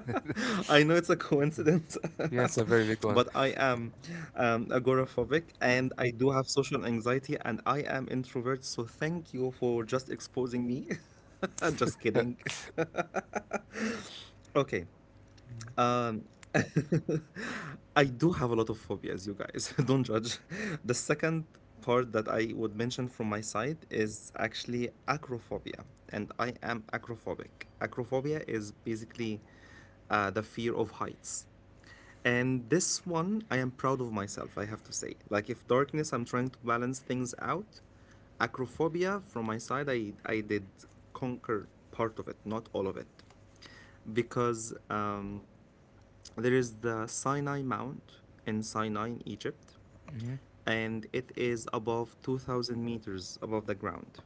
Speaker 1: but I am
Speaker 2: Yes, a very big
Speaker 1: agoraphobic,
Speaker 2: one.
Speaker 1: and I do have social anxiety and I am introvert. So thank you for just exposing me. Just kidding. Okay. Um, I do have a lot of phobias, you guys. Don't judge. The second part that I would mention from my side is actually acrophobia, and I am acrophobic. Acrophobia is basically the fear of heights. And this one, I am proud of myself, I have to say. Like, if darkness, I'm trying to balance things out. Acrophobia, from my side, I did conquer part of it, not all of it. Because um, there is the Sinai Mount in Sinai, in Egypt,
Speaker 2: hmm
Speaker 1: and it is above 2,000 meters above the ground.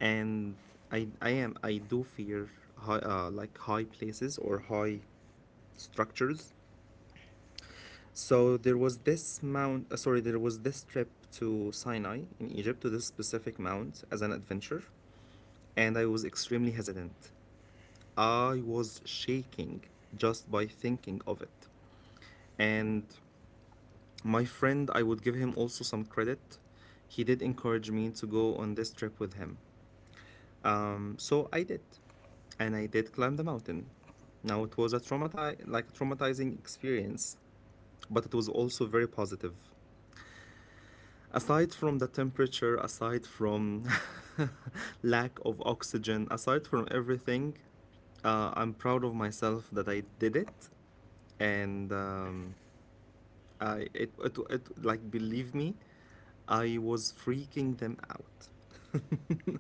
Speaker 1: And I do fear high, like high places or high structures. So there was this mount, sorry, there was this trip to Sinai in Egypt to this specific mount as an adventure, and I was extremely hesitant. I was shaking just by thinking of it. And my friend, I would give him also some credit. He did encourage me to go on this trip with him. So I did, and I did climb the mountain. Now it was a like a traumatizing experience, but it was also very positive. Aside from the temperature, aside from lack of oxygen, aside from everything, I'm proud of myself that I did it, and I it, it it like, believe me, I was freaking them out.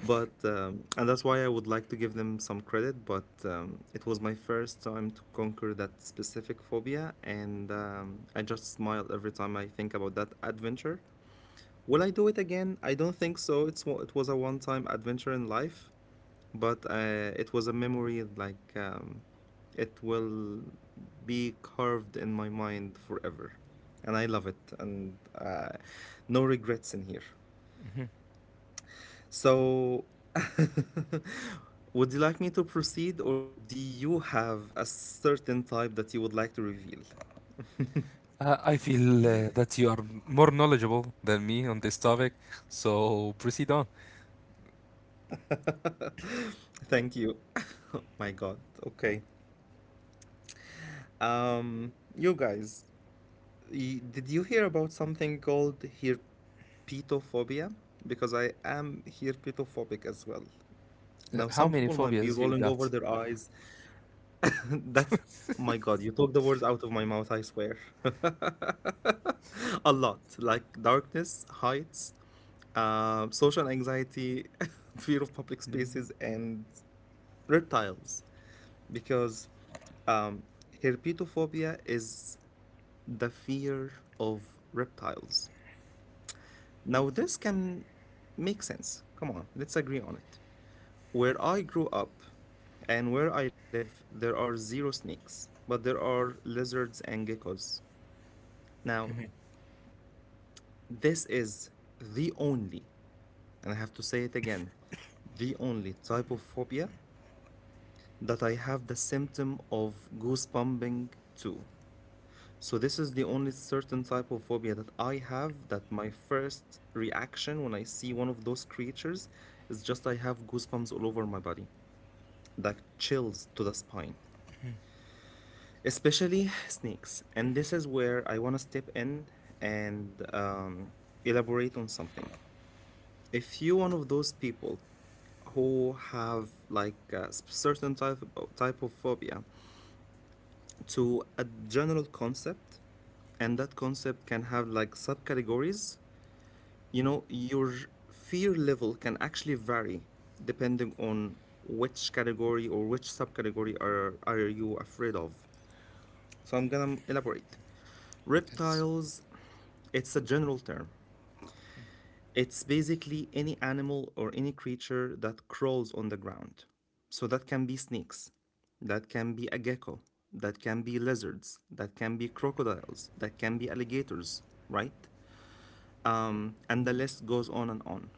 Speaker 1: But and that's why I would like to give them some credit. But it was my first time to conquer that specific phobia, and I just smile every time I think about that adventure. Will I do it again? I don't think so. It was a one-time adventure in life, but it was a memory like it will be carved in my mind forever, and I love it, and no regrets in here.
Speaker 2: hmm
Speaker 1: So would you like me to proceed, or do you have a certain type that you would like to reveal?
Speaker 2: I feel that you are more knowledgeable than me on this topic, so proceed on.
Speaker 1: thank you. Oh my god. Okay. You guys, did you hear about something called herpetophobia? Because I am herpetophobic as well. Now,
Speaker 2: How
Speaker 1: some
Speaker 2: many
Speaker 1: people might be
Speaker 2: phobias you
Speaker 1: rolling over
Speaker 2: got?
Speaker 1: their eyes. That's, my God, you took the words out of my mouth, I swear. A lot, like darkness, heights, social anxiety, fear of public
Speaker 2: Mm-hmm.
Speaker 1: spaces, and reptiles. Because um, herpetophobia is the fear of reptiles. Now, this can make sense. Come on, let's agree on it. Where I grew up and where I live, there are zero snakes, but there are lizards and geckos. Now, this is the only, and I have to say it again, the only type of phobia that I have the symptom of goosebumping to. So this is the only certain type of phobia that I have, that my first reaction when I see one of those creatures is just I have goosebumps all over my body, like chills to the spine, especially snakes. And this is where I want to step in and elaborate on something. If you're one of those people who have like a certain type of phobia to a general concept, and that concept can have like subcategories, you know, your fear level can actually vary depending on which category or which subcategory are you afraid of. So I'm gonna elaborate. Reptiles, it's a general term. It's basically any animal or any creature that crawls on the ground. So that can be snakes, that can be a gecko, that can be lizards, that can be crocodiles, that can be alligators, right? And the list goes on and on.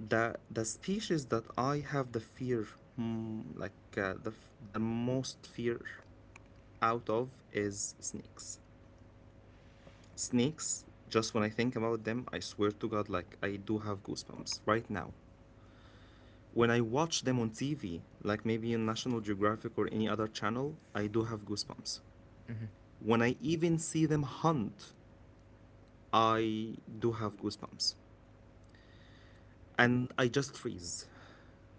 Speaker 1: The species that I have the fear, like the the most fear out of is snakes. Snakes. Just when I think about them, I swear to God, like I do have goosebumps right now. When I watch them on TV, like maybe in National Geographic or any other channel, I do have goosebumps.
Speaker 2: Mm-hmm.
Speaker 1: When I even see them hunt, I do have goosebumps, and I just freeze.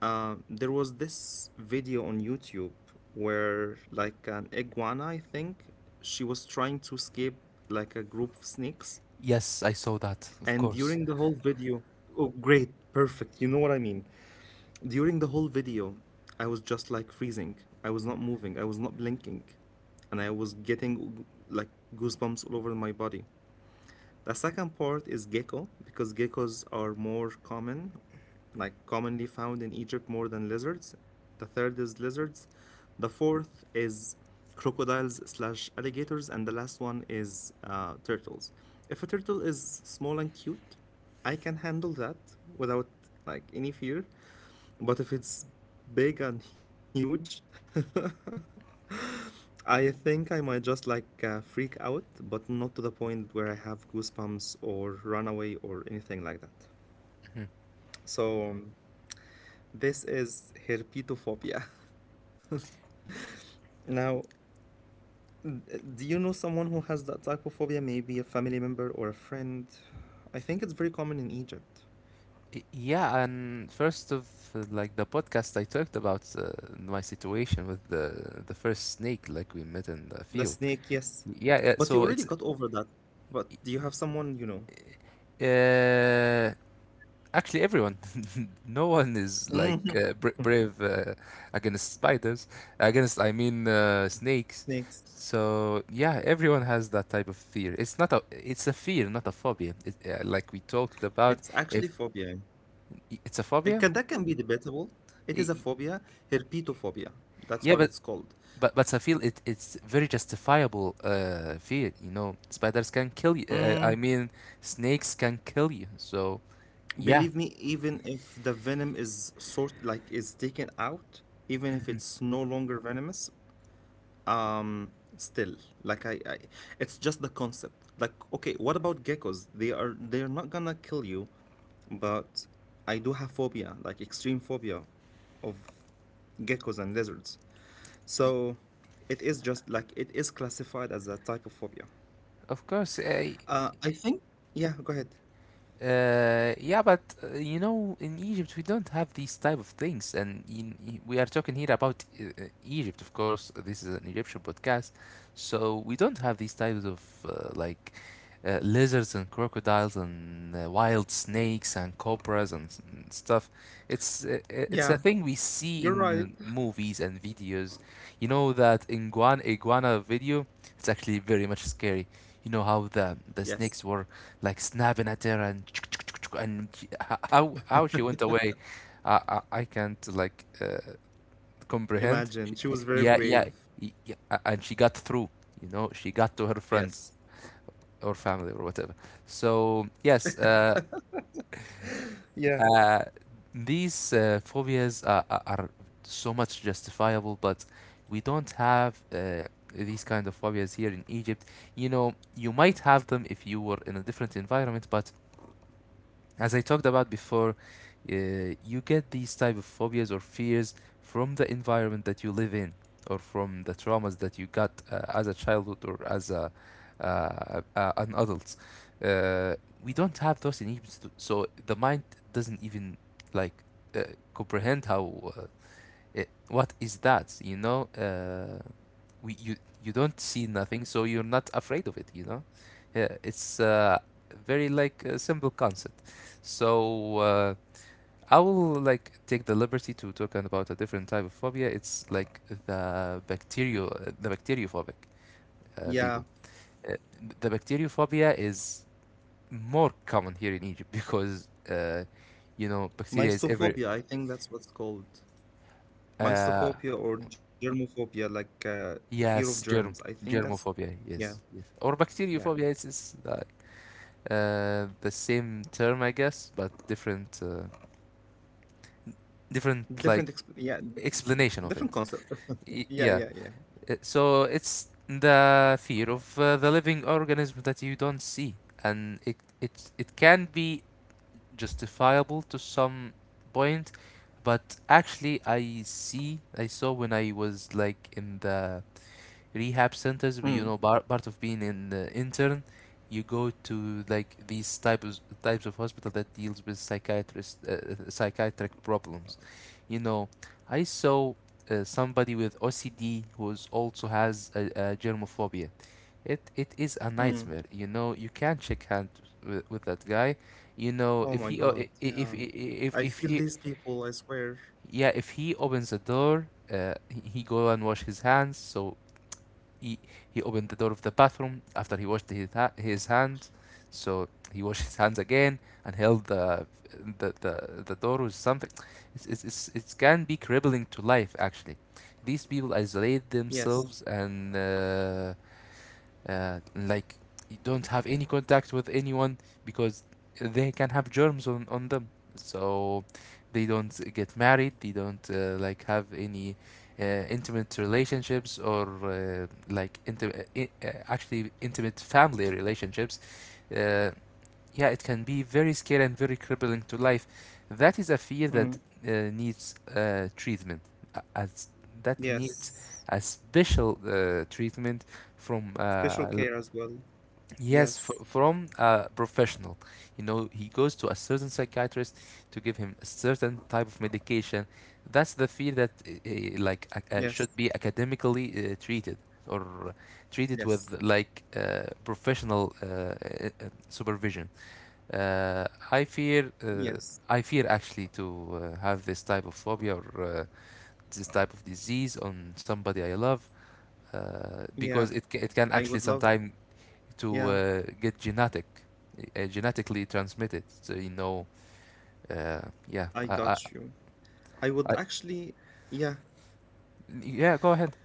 Speaker 1: There was this video on YouTube where, like, an iguana, I think, she was trying to escape like a group of snakes.
Speaker 2: Yes, I saw
Speaker 1: And
Speaker 2: that, of
Speaker 1: during the whole
Speaker 2: course.
Speaker 1: video, oh, great, perfect, you know what I mean. During the whole video, I was just like freezing. I was not moving, I was not blinking, and I was getting like goosebumps all over my body. The second part is gecko, because geckos are more common, like commonly found in Egypt more than lizards. The third is lizards. The fourth is crocodiles slash alligators, and the last one is turtles. If a turtle is small and cute, I can handle that without like any fear. But if it's big and huge, I think I might just like freak out, but not to the point where I have goosebumps or run away or anything like that.
Speaker 2: Mhm.
Speaker 1: So this is herpetophobia. Now, d- do you know someone who has that type of phobia? Maybe a family member or a friend? I think it's very common in Egypt.
Speaker 2: Yeah, and first of like the podcast I talked about my situation with the first snake like we met in
Speaker 1: The
Speaker 2: the field.
Speaker 1: snake, yes.
Speaker 2: Yeah, yeah,
Speaker 1: But you
Speaker 2: so
Speaker 1: already
Speaker 2: it's
Speaker 1: got over that. But do you have someone you know?
Speaker 2: uh, actually everyone. No one is like
Speaker 1: Mhm.
Speaker 2: brave against spiders, against, I mean, snakes.
Speaker 1: Snakes.
Speaker 2: So yeah, everyone has that type of fear. It's a fear, not a phobia. Like we talked about,
Speaker 1: It's actually
Speaker 2: if.
Speaker 1: phobia.
Speaker 2: It's a
Speaker 1: It
Speaker 2: phobia?
Speaker 1: can that can be debatable. It
Speaker 2: Y-
Speaker 1: is a
Speaker 2: y-
Speaker 1: phobia, herpetophobia. That's
Speaker 2: Yeah,
Speaker 1: what
Speaker 2: but
Speaker 1: it's called.
Speaker 2: but I feel it it's very justifiable fear, you know. Spiders can kill you.
Speaker 1: Mm.
Speaker 2: I mean, snakes can kill you. So, yeah,
Speaker 1: Believe me, even if the venom is sort like is taken out, even if it's no longer venomous, um, still like it's just the concept. Like, okay, what about geckos? They are not gonna kill you, but I do have phobia, like extreme phobia, of geckos and lizards.
Speaker 2: y-
Speaker 1: So it is just like it is classified as a type of phobia.
Speaker 2: of course.
Speaker 1: I think, yeah, go ahead.
Speaker 2: Yeah, but you know, in Egypt we don't have these type of things, and in, we are talking here about Egypt, of course. This is an Egyptian podcast, so we don't have these types of like lizards and crocodiles and wild snakes and cobras and, and stuff. It's a
Speaker 1: Yeah,
Speaker 2: thing we see
Speaker 1: you're right.
Speaker 2: in movies and videos. You know that iguana video. It's actually very much scary. You know how the
Speaker 1: Yes.
Speaker 2: snakes were like snapping at her, and she, how she went away, I can't like comprehend.
Speaker 1: Imagine. She was very
Speaker 2: Yeah, yeah,
Speaker 1: brave.
Speaker 2: yeah, and she got through. You know, she got to her
Speaker 1: Yes.
Speaker 2: friends or family or whatever. So yes,
Speaker 1: Yeah.
Speaker 2: uh, these phobias are, are so much justifiable, but we don't have. These kind of phobias here in Egypt, you know, you might have them if you were in a different environment, but as I talked about before, uh, you get these type of phobias or fears from the environment that you live in, or from the traumas that you got as a childhood or as a an adult. Uh, we don't have those in Egypt, so the mind doesn't even like uh, comprehend how what is that,
Speaker 1: Mm.
Speaker 2: you know. We You you don't see nothing, so you're not afraid of it. You know, yeah, it's very like a simple concept. So I will like take the liberty to talk about a different type of phobia. It's like the bacteriophobic
Speaker 1: Yeah.
Speaker 2: people. Uh, the bacteriophobia is more common here in Egypt because you know bacteria is every
Speaker 1: Mysophobia, I think that's what's called.
Speaker 2: uh,
Speaker 1: Mysophobia or germophobia, like fear of germs.
Speaker 2: yes,
Speaker 1: I think that's,
Speaker 2: germophobia,
Speaker 1: yeah,
Speaker 2: yes, yes, or
Speaker 1: yeah.
Speaker 2: bacteriophobia, it's the same term, I guess, but different, different
Speaker 1: Different, exp
Speaker 2: like
Speaker 1: yeah,
Speaker 2: explanation
Speaker 1: different
Speaker 2: of
Speaker 1: concept.
Speaker 2: it.
Speaker 1: Yeah, yeah, yeah.
Speaker 2: Yeah. So it's the fear of the living organism that you don't see, and it can be justifiable to some point, but actually I saw when I was like in the rehab centers,
Speaker 1: Mm,
Speaker 2: you know, part of being an intern, you go to like these types of hospital that deals with psychiatrist psychiatric problems. You know, I saw somebody with OCD who also has a germophobia. It is a
Speaker 1: mm.
Speaker 2: nightmare, you know, you can't shake hands with that guy. You
Speaker 1: Oh
Speaker 2: know,
Speaker 1: my
Speaker 2: if he
Speaker 1: God.
Speaker 2: o- i- i-
Speaker 1: Yeah.
Speaker 2: if I-
Speaker 1: I feel
Speaker 2: if
Speaker 1: these
Speaker 2: he
Speaker 1: people, I swear.
Speaker 2: yeah, if he opens the door, he go and wash his hands. So he, he opened the door of the bathroom after he washed his hands. So he washed his hands again and held the door with something. It's, it can be crippling to life, actually. These people
Speaker 1: Yes.
Speaker 2: isolate themselves and like you don't have any contact with anyone because they can have germs on them. So they don't get married, they don't like have any uh, intimate relationships or actually intimate family relationships. uh, yeah, it can be very scary and very crippling to life. That is a fear
Speaker 1: Mm,
Speaker 2: that needs treatment, as that needs
Speaker 1: yes.
Speaker 2: a special treatment from
Speaker 1: Special care as well. Yes.
Speaker 2: yes, fr from a professional. You know, he goes to a certain psychiatrist to give him a certain type of medication. That's the field that like,
Speaker 1: Yes,
Speaker 2: should be academically treated, or
Speaker 1: yes,
Speaker 2: treated with like professional supervision. Uh, I fear, uh,
Speaker 1: yes.
Speaker 2: I fear actually to have this type of phobia or this type of disease on somebody I love.
Speaker 1: Yeah,
Speaker 2: Because it can
Speaker 1: I would
Speaker 2: actually
Speaker 1: love.
Speaker 2: sometimes to
Speaker 1: Yeah,
Speaker 2: get genetic, genetically transmitted. So you know, uh, yeah,
Speaker 1: I got you. I would
Speaker 2: I,
Speaker 1: actually, yeah,
Speaker 2: yeah, go ahead.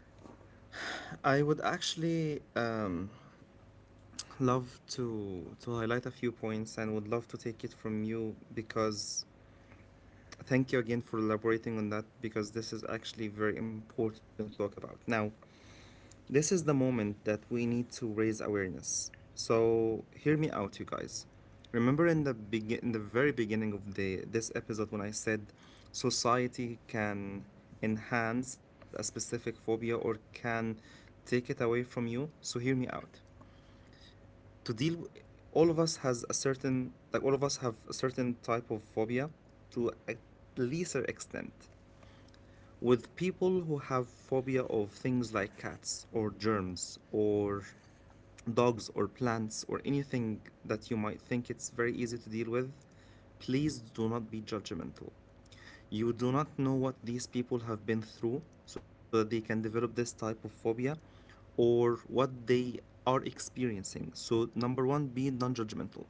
Speaker 1: I would actually love to highlight a few points, and would love to take it from you because thank you again for elaborating on that, because this is actually very important to talk about. Now, this is the moment that we need to raise awareness. So hear me out, you guys. Remember in the very beginning of the this episode, when I said society can enhance a specific phobia or can take it away from you. So hear me out. To deal, all of us have a certain type of phobia to a lesser extent. With people who have phobia of things like cats or germs or dogs or plants or anything that you might think it's very easy to deal with, please do not be judgmental. You do not know what these people have been through so that they can develop this type of phobia or what they are experiencing. So, number one, be non judgmental.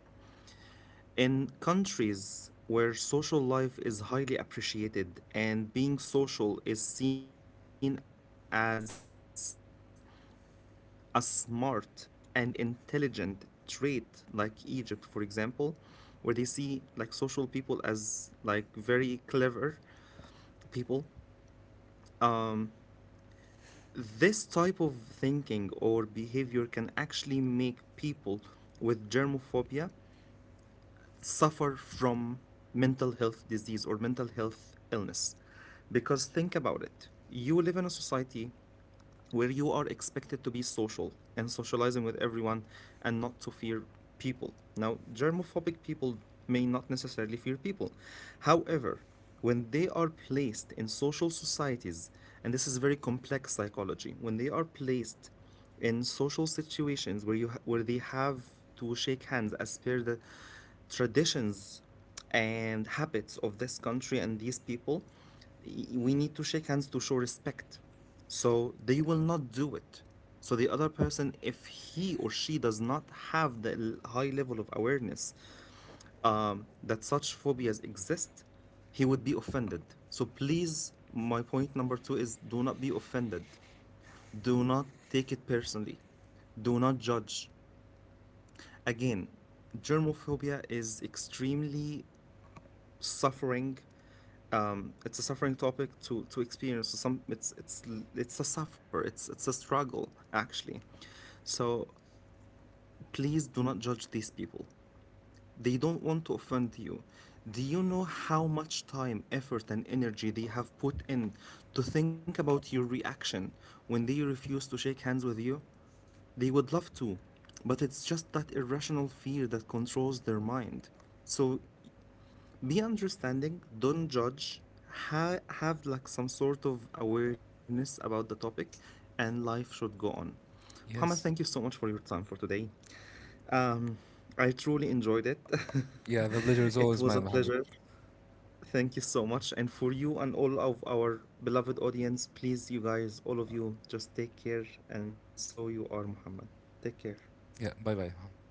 Speaker 1: In countries where social life is highly appreciated and being social is seen as a smart and intelligent trait, like Egypt, for example, where they see like social people as like very clever people, this type of thinking or behavior can actually make people with germophobia suffer from mental health disease or mental health illness. Because think about it, you live in a society where you are expected to be social and socializing with everyone, and not to fear people. Now, germophobic people may not necessarily fear people. However, when they are placed in social societies, and this is very complex psychology, when they are placed in social situations where you where they have to shake hands as per the traditions and habits of this country and these people, we need to shake hands to show respect, so they will not do it. So the other person, if he or she does not have the high level of awareness that such phobias exist, he would be offended. So please, my point number two is do not be offended. Do not take it personally. Do not judge. Again, germophobia is extremely suffering, it's a suffering topic to experience. So some it's a suffer. It's a struggle actually. So please do not judge these people. They don't want to offend you. Do you know how much time, effort, and energy they have put in to think about your reaction when they refuse to shake hands with you? They would love to, but it's just that irrational fear that controls their mind. So be understanding, don't judge, have like some sort of awareness about the topic, and life should go on. Muhammad, thank you so
Speaker 2: Yes.
Speaker 1: much for your time for today. I truly enjoyed it.
Speaker 2: Yeah, the pleasure is
Speaker 1: it
Speaker 2: always
Speaker 1: was a
Speaker 2: mine, Muhammad.
Speaker 1: pleasure. Thank you so much. And for you and all of our beloved audience, please, you guys, all of you, just take care. And so you are, Muhammad. Take care.
Speaker 2: Yeah, bye bye.